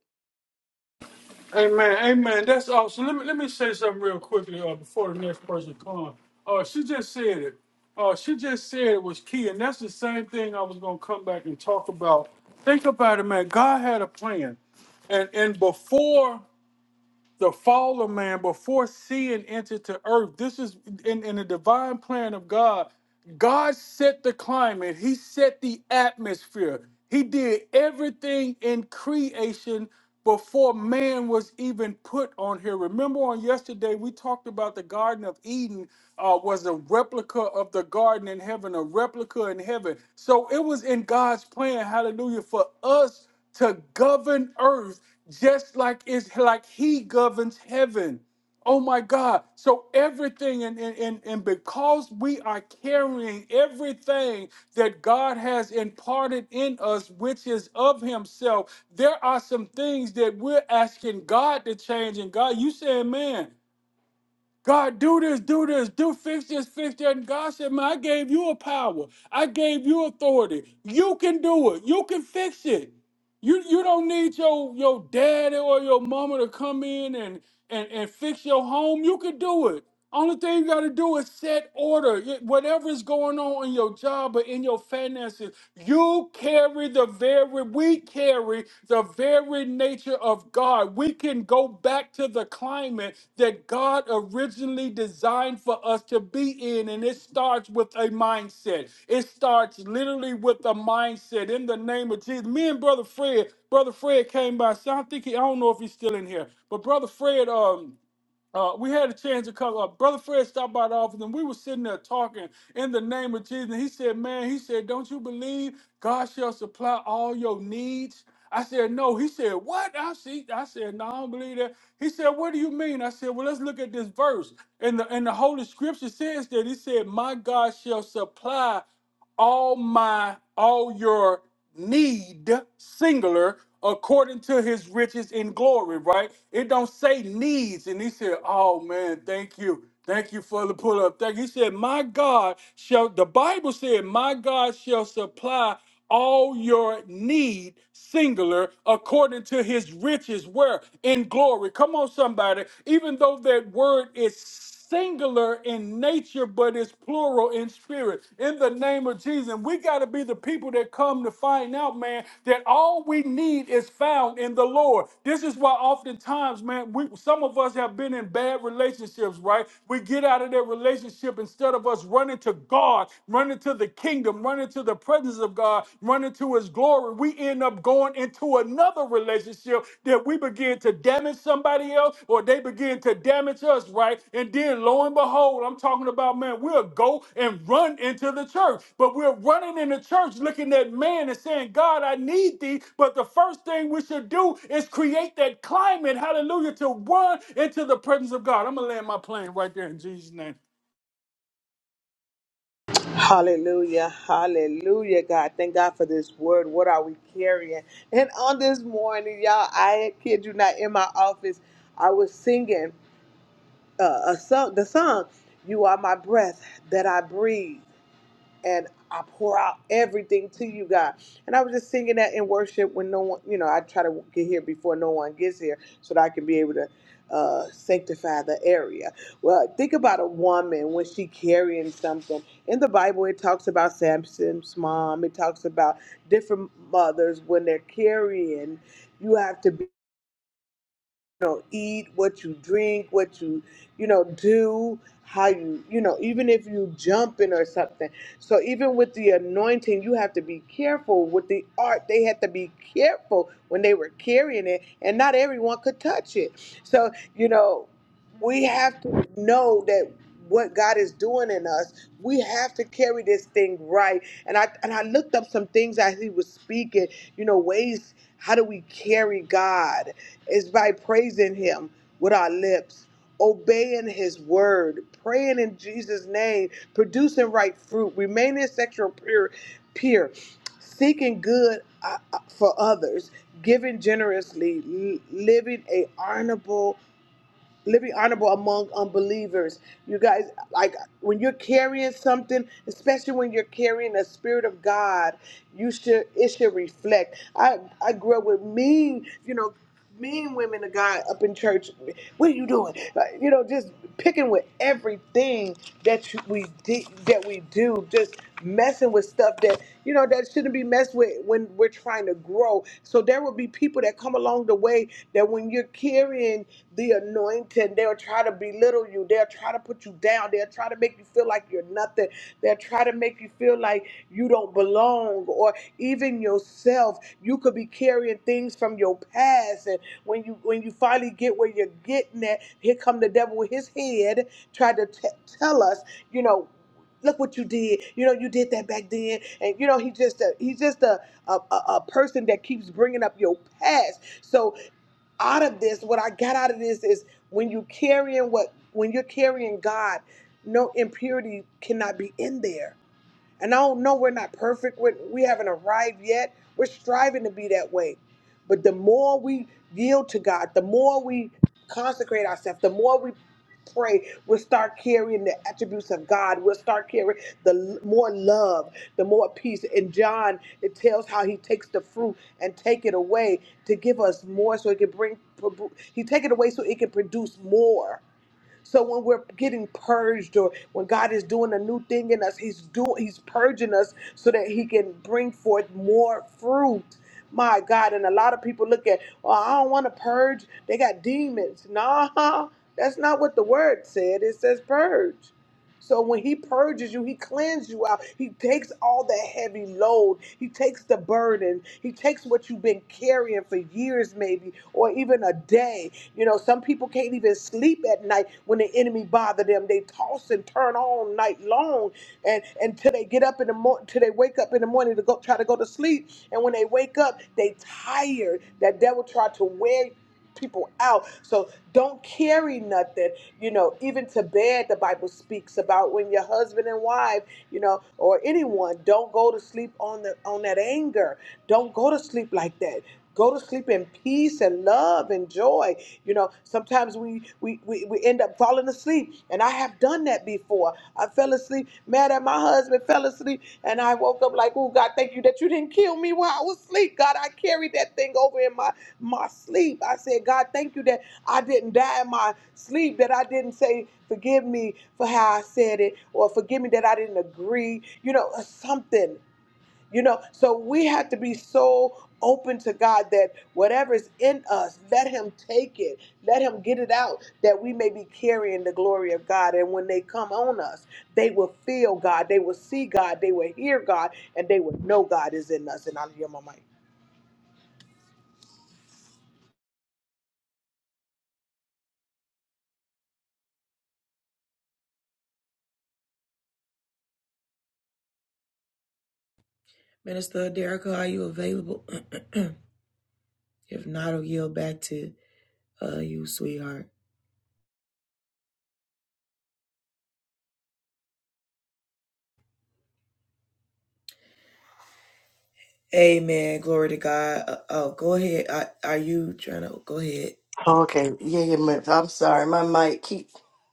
C: Hallelujah. Hallelujah, God. Thank God for this word. What are we carrying? And on this morning, y'all, I kid you not, in my office, I was singing uh, a song, the song, You Are My Breath That I Breathe. and I pour out everything to you, God. And I was just singing that in worship when no one, you know, I try to get here before no one gets here so that I can be able to uh, sanctify the area. Well, think about a woman when she carrying something. In the Bible, it talks about Samson's mom. It talks about different mothers when they're carrying. You have to be you know eat what you drink what you you know do how you you know even if you jumping or something so even with the anointing you have to be careful with the art they had to be careful when they were carrying it and not everyone could touch it so you know we have to know that what God is doing in us, we have to carry this thing right. And I and I looked up some things as he was speaking, you know, ways how do we carry God? is by praising Him with our lips, obeying His word, praying in Jesus' name, producing right fruit, remaining sexual pure, pure seeking good uh, uh, for others, giving generously, l- living a honorable living honorable among unbelievers. You guys, like when you're carrying something, especially when you're carrying the spirit of God, you should it should reflect. I I grew up with mean, you know, mean women of God up in church. What are you doing? Like, you know, just picking with everything that you- we did that we do. Just messing with stuff that you know that shouldn't be messed with when we're trying to grow. So there will be people that come along the way that when you're carrying the anointing, they'll try to belittle you. They'll try to put you down. They'll try to make you feel like you're nothing. They'll try to make you feel like you don't belong or even yourself. You could be carrying things from your past and when you when you finally get where you're getting at, here come the devil with his head try to t- tell us, you know look what you did. You know, you did that back then, and you know he just a, he's just a, a a a person that keeps bringing up your past. So out of this, what I got out of this is when you carrying what when you're carrying God, no impurity cannot be in there. And I don't know we're not perfect. We we haven't arrived yet. We're striving to be that way. But the more we yield to God, the more we consecrate ourselves, the more we pray, we'll start carrying the attributes of God. We'll start carrying the l- more love, the more peace. And John, it tells how he takes the fruit and take it away to give us more so it can bring, he take it away so it can produce more. So when we're getting purged or when God is doing a new thing in us, he's doing he's purging us so that he can bring forth more fruit. My God, and a lot of people look at, "Oh, I don't want to purge. They got demons." Nah, that's not what the word said. It says purge. So when he purges you, he cleans you out. He takes all the heavy load. He takes the burden. He takes what you've been carrying for years, maybe, or even a day. You know, some people can't even sleep at night when the enemy bother them. They toss and turn all night long, and until they get up in the morning, till they wake up in the morning to go try to go to sleep. And when they wake up, they tired. That devil tried to wear people out. So don't carry nothing. You know, even to bed, the Bible speaks about when your husband and wife, you know, or anyone don't go to sleep on the on that anger. Don't go to sleep like that. Go to sleep in peace and love and joy. You know, sometimes we we, we, we end up falling asleep, and I have done that before. I fell fell asleep, mad at my husband, fell asleep, and I woke up like, oh God, thank you that you didn't kill me while I was asleep. God, I carried that thing over in my, my sleep. I said, God, thank you that I didn't die in my sleep, that I didn't say, forgive me for how I said it, or forgive me that I didn't agree, you know, something. You know, so we have to be so open to God that whatever's in us, let Him take it, let Him get it out, that we may be carrying the glory of God. And when they come on us, they will feel God, they will see God, they will hear God, and they will know God is in us. And I'll hear my mic.
B: Minister Derrica, are you available? if not, I'll yield back to uh, you, sweetheart. Amen. Glory to God. Uh, oh, go ahead. Are, are you trying to go ahead?
D: Okay, yeah, yeah, my- I'm sorry, my mic keep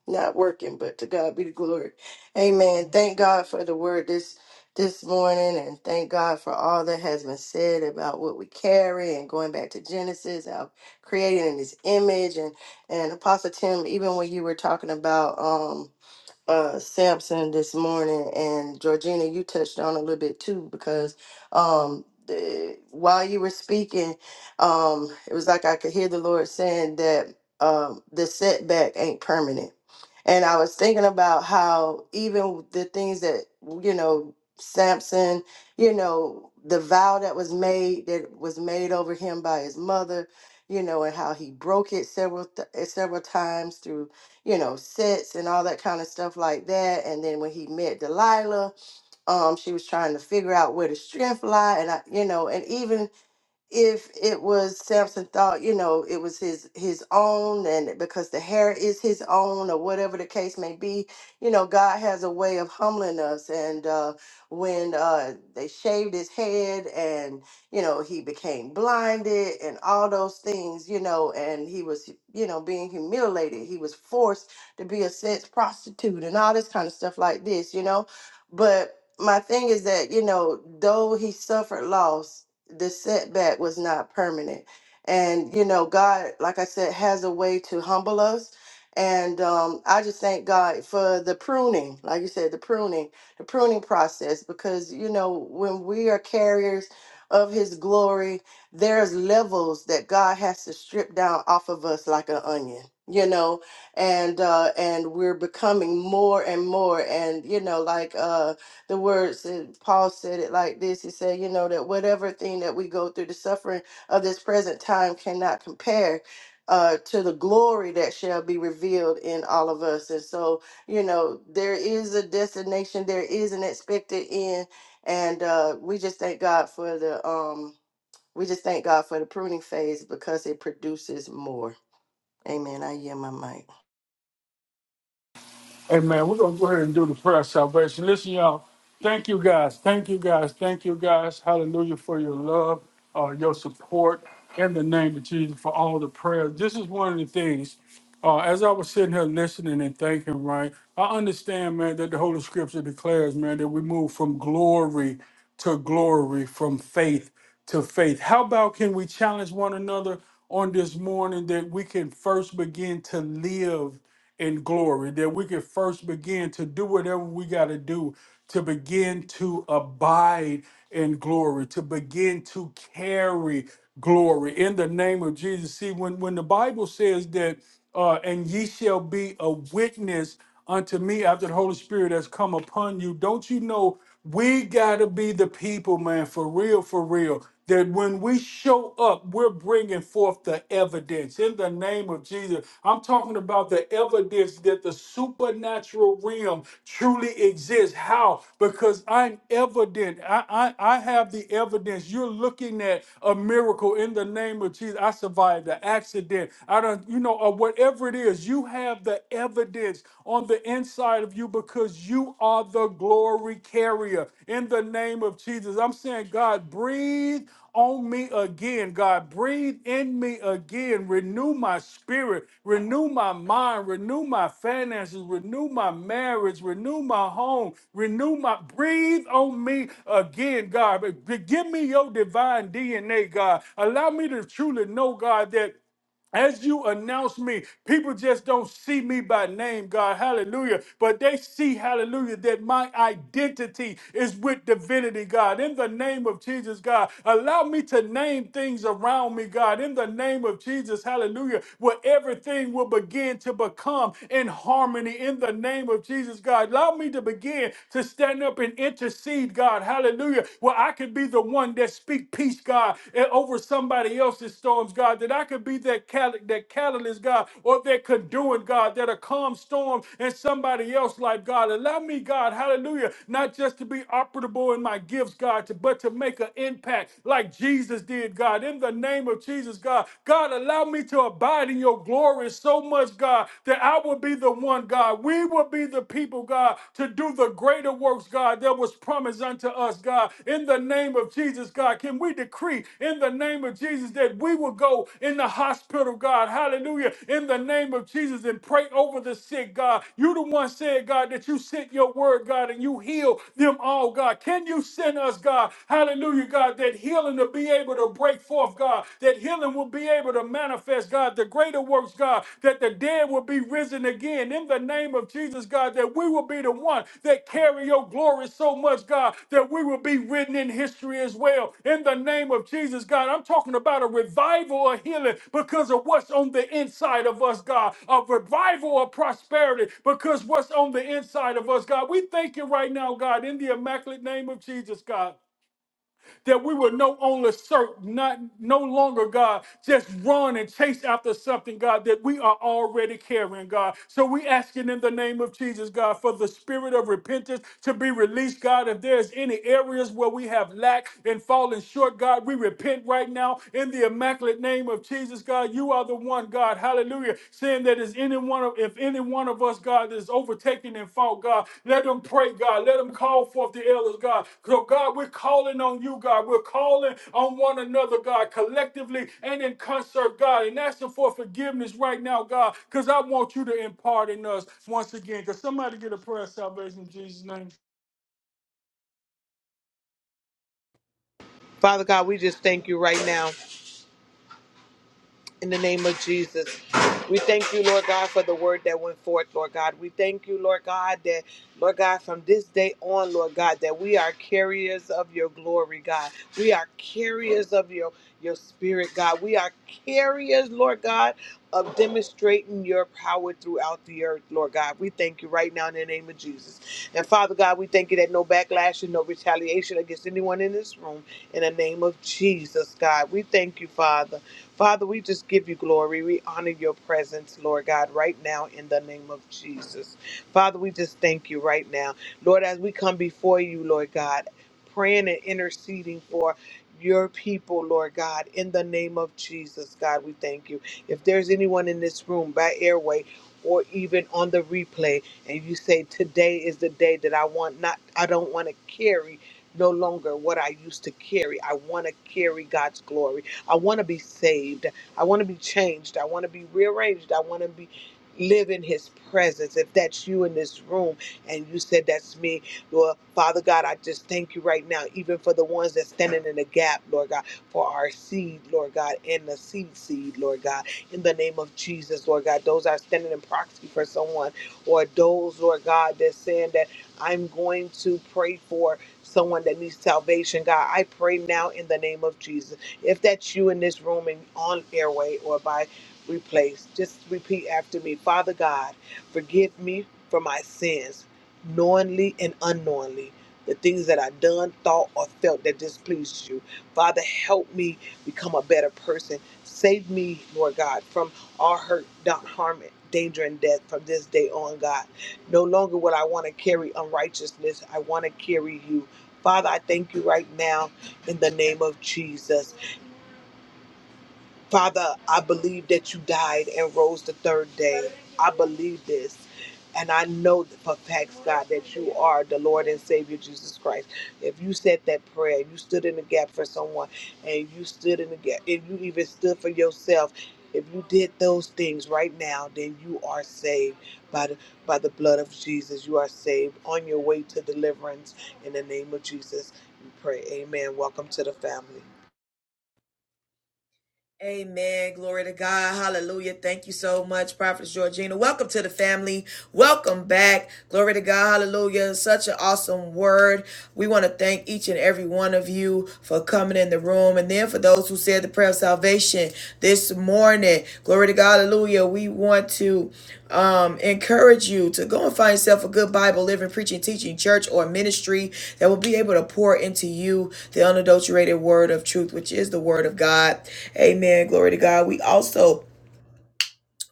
D: not working, but to God be the glory. Amen. Thank God for the word this this morning, and thank God for all that has been said about what we carry and going back to Genesis, how created in His image, and and Apostle Tim, even when you were talking about um. uh, Samson this morning, and Georgina, you touched on a little bit too, because um, the, while you were speaking, um, it was like I could hear the Lord saying that um, the setback ain't permanent. And I was thinking about how even the things that, you know, Samson, you know, the vow that was made, that was made over him by his mother, you know, and how he broke it several th- several times through you know, sets and all that kind of stuff like that. And then when he met Delilah, um, she was trying to figure out where the strength lie, and I, you know, and even if it was Samson thought, you know, it was his his own and because the hair is his own or whatever the case may be, you know, God has a way of humbling us and uh when uh they shaved his head and you know, he became blinded and all those things, you know, and he was you know, being humiliated. He was forced to be a sex prostitute and all this kind of stuff like this, you know. But my thing is that, you know, though he suffered loss the setback was not permanent. And you know, God, like I said, has a way to humble us. And um, I just thank God for the pruning, like you said, the pruning, the pruning process, because you know, when we are carriers of His glory, there's levels that God has to strip down off of us like an onion, you know, and uh, and we're becoming more and more, and you know, like. Uh, the words and Paul said it like this. He said, you know, that whatever thing that we go through, the suffering of this present time cannot compare uh, to the glory that shall be revealed in all of us. And so, you know, there is a destination, there is an expected end. And uh, we just thank God for the um we just thank God for the pruning phase because it produces more. Amen. I yield my mic.
C: Father God, we just thank you right now. In the name of Jesus, we thank you, Lord God, for the word that went forth, Lord God. We thank you, Lord God, that, Lord God, from this day on, Lord God, that we are carriers of your glory, God. We are carriers of your, your spirit, God. We are carriers, Lord God, of demonstrating your power throughout the earth, Lord God. We thank you right now in the name of Jesus. And Father God, we thank you that no backlash and no retaliation against anyone in this room, in the name of Jesus, God. We thank you, Father. Father, we just give you glory. We honor your presence, Lord God, right now in the name of Jesus. Father, we just thank you right now. Lord, as we come before you, Lord God, praying and interceding for your people, Lord God, in the name of Jesus, God, we thank you. If there's anyone in this room by airway, or even on the replay, and you say, Today is the day that I want not, I don't want to carry no longer what I used to carry. I want to carry God's glory. I want to be saved. I want to be changed. I want to be rearranged. I want to be live in his presence. If that's you in this room and you said that's me, Lord Father God, I just thank you right now, even for the ones that's standing in the gap, Lord God, for our seed, Lord God, and the seed seed, Lord God, in the name of Jesus, Lord God. Those that are standing in proxy for someone, or those, Lord God, that's saying that I'm going to pray for someone that needs salvation, God. I pray now in the name of Jesus. If that's you in this room and on airway or by replace, just repeat after me. Father God, forgive me for my sins, knowingly and unknowingly. The things that I done, thought, or felt that displeased you. Father, help me become a better person. Save me, Lord God, from all hurt, not harm, danger, and death from this day on, God. No longer will I want to carry unrighteousness. I want to carry you. Father, I thank you right now in the name of Jesus. Father, I believe that you died and rose the third day. I believe this. And I know that for facts, God, that you are the Lord and Savior Jesus Christ. If you said that prayer, you stood in the gap for someone, and you stood in the gap, and you even stood for yourself. If you did those things right now, then you are saved by the by the blood of Jesus. You are saved on your way to deliverance. In the name of Jesus, we pray. Amen. Welcome to the family.
B: Amen. Glory to God. Hallelujah. Thank you so much, Prophet Georgina. Welcome to the family. Welcome back. Glory to God. Hallelujah. Such an awesome word. We want to thank each and every one of you for coming in the room. And then for those who said the prayer of salvation this morning, glory to God. Hallelujah. We want to. um, encourage you to go and find yourself a good Bible, living, preaching, teaching church or ministry that will be able to pour into you the unadulterated word of truth, which is the word of God. Amen. Glory to God. We also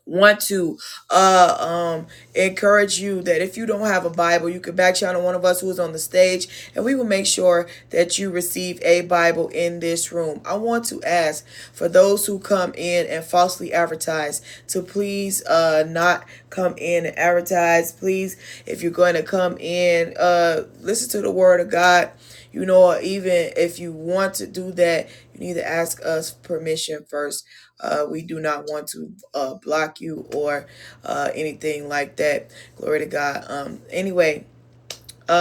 B: want to uh um encourage you that if you don't have a bible you can back channel one of us who is on the stage and we will make sure that you receive a bible in this room i want to ask for those who come in and falsely advertise to please uh not come in and advertise please if you're going to come in uh listen to the word of god you know, even if you want to do that, you need to ask us permission first. Uh, we do not want to uh, block you or uh, anything like that. Glory to God. Um, anyway,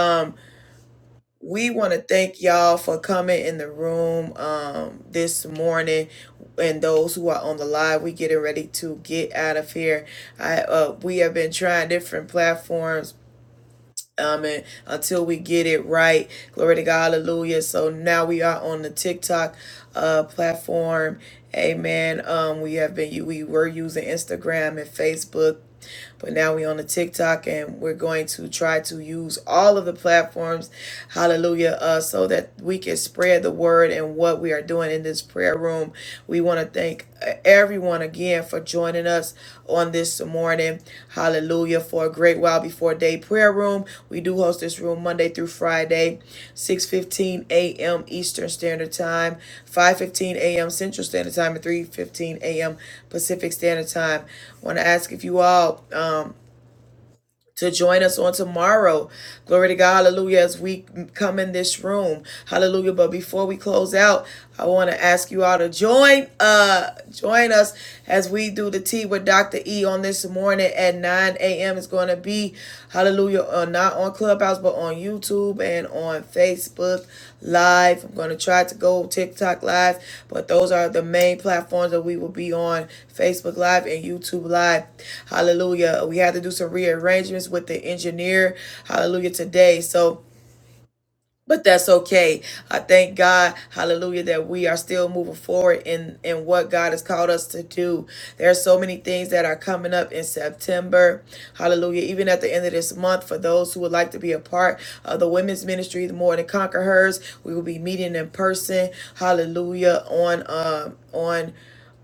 B: um, we want to thank y'all for coming in the room um, this morning, and those who are on the live. We getting ready to get out of here. I uh, we have been trying different platforms um and Until we get it right. Glory to God. Hallelujah. So now we are on the TikTok uh, platform. Amen. Um, we have been we were using Instagram and Facebook but now we're on the TikTok and we're going to try to use all of the platforms, hallelujah, uh, so that we can spread the word and what we are doing in this prayer room. We want to thank uh, everyone again for joining us on this morning. Hallelujah. Hallelujah. For a great while before day prayer room. We do host this room Monday through Friday, 6:15 a.m. Eastern Standard Time, 5:15 a.m. Central Standard Time, and 3:15 a.m. Pacific Standard Time. I Want to ask if you all um to join us on tomorrow. Glory to God, hallelujah, as we come in this room. Hallelujah. But before we close out, I want to ask you all to join uh join us as we do the tea with Dr. E on this morning at 9 a.m. It's gonna be hallelujah on not on Clubhouse, but on YouTube and on Facebook Live. I'm going to try to go TikTok Live, but those are the main platforms that we will be on Facebook Live and YouTube Live. Hallelujah. We had to do some rearrangements with the engineer. Hallelujah today. So, but that's okay. I thank God, hallelujah, that we are still moving forward in, in what God has called us to do. There are so many things that are coming up in September, hallelujah, even at the end of this month. For those who would like to be a part of the women's ministry, the More Than Conquer Hers, we will be meeting in person, hallelujah, on, um, on.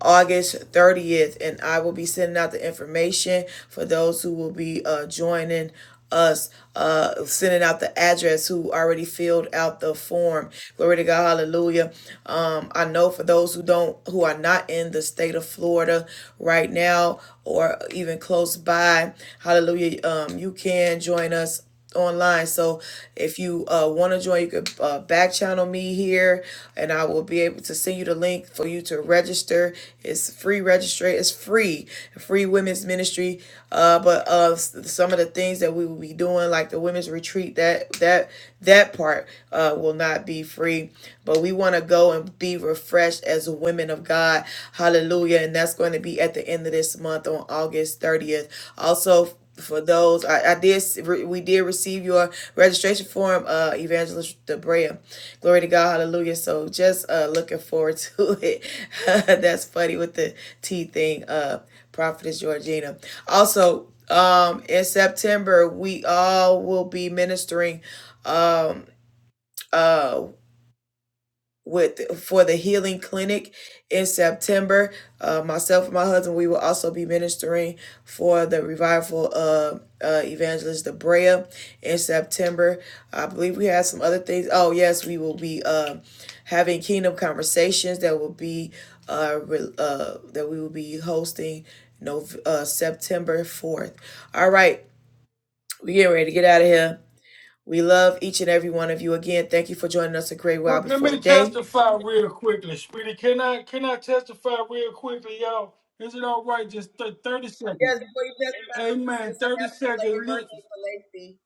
B: August 30th, and I will be sending out the information for those who will be uh, joining us, uh, sending out the address who already filled out the form. Glory to God, hallelujah. Um, I know for those who don't, who are not in the state of Florida right now or even close by, hallelujah, um, you can join us online. So if you uh, want to join, you could uh, back channel me here, and I will be able to send you the link for you to register. It's free register. It's free, free women's ministry. Uh, but uh, some of the things that we will be doing, like the women's retreat, that that that part uh, will not be free. But we want to go and be refreshed as women of God. Hallelujah! And that's going to be at the end of this month on August thirtieth. Also for those I, I did we did receive your registration form uh evangelist debrea glory to god hallelujah so just uh looking forward to it that's funny with the t thing uh prophetess georgina also um in september we all will be ministering Um. Uh with for the healing clinic in September. Uh, myself and my husband, we will also be ministering for the revival of uh, uh, evangelist Debrea in September. I believe we have some other things. Oh yes, we will be uh, having kingdom conversations that will be uh, re- uh, that we will be hosting. No, uh, September fourth. All right, we getting ready to get out of here. We love each and every one of you again. Thank you for joining us a great while before day. Yes, before you testify, I wanted to say happy belated birthday to Lacey.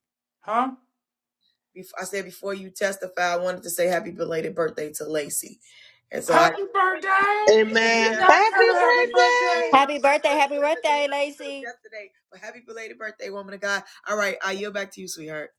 B: Before, I said before you testify, I wanted to say happy belated birthday to Lacey. And so I, yeah,
E: Happy birthday, happy birthday, Lacey.
B: yesterday, but happy belated birthday, woman of God. All right, I yield back to you, sweetheart.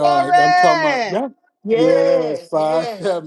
C: Glory!
D: Yes, yes.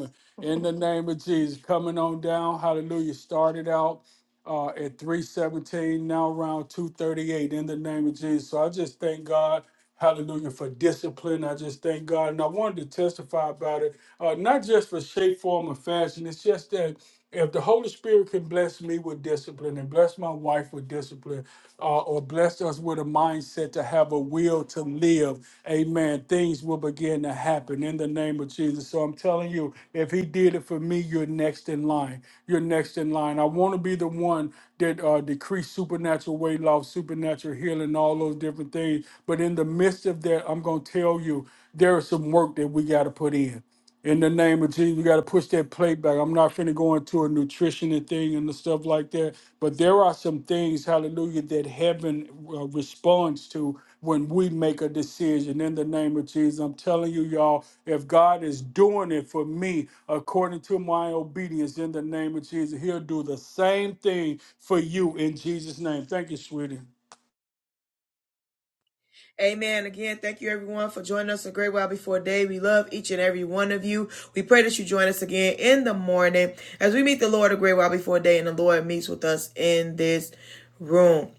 B: Amen. Again, thank you everyone for joining us a great while before day. We love each and every one of you. We pray that you join us again in the morning as we meet the Lord a great while before day and the Lord meets with us in this room.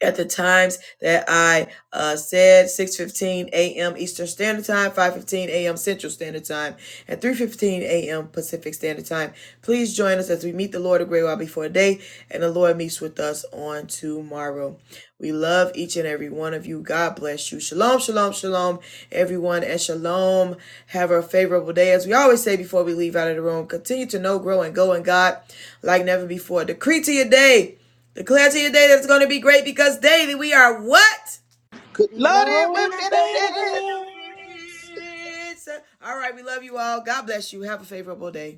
B: at the times that I uh, said 6:15 a.m. Eastern Standard Time, 5:15 a.m. Central Standard Time, and 3:15 a.m. Pacific Standard Time. Please join us as we meet the Lord a great while before day, and the Lord meets with us on tomorrow. We love each and every one of you. God bless you. Shalom, shalom, shalom, everyone, and shalom. Have a favorable day. As we always say before we leave out of the room, continue to know, grow, and go in God like never before. Decree to your day. Declare to your day that it's going to be great because daily we are what?
C: it
E: Loaded
C: would
E: with
C: benefit.
D: Benefits.
E: benefits.
B: All right, we love you all. God bless you. Have a favorable day.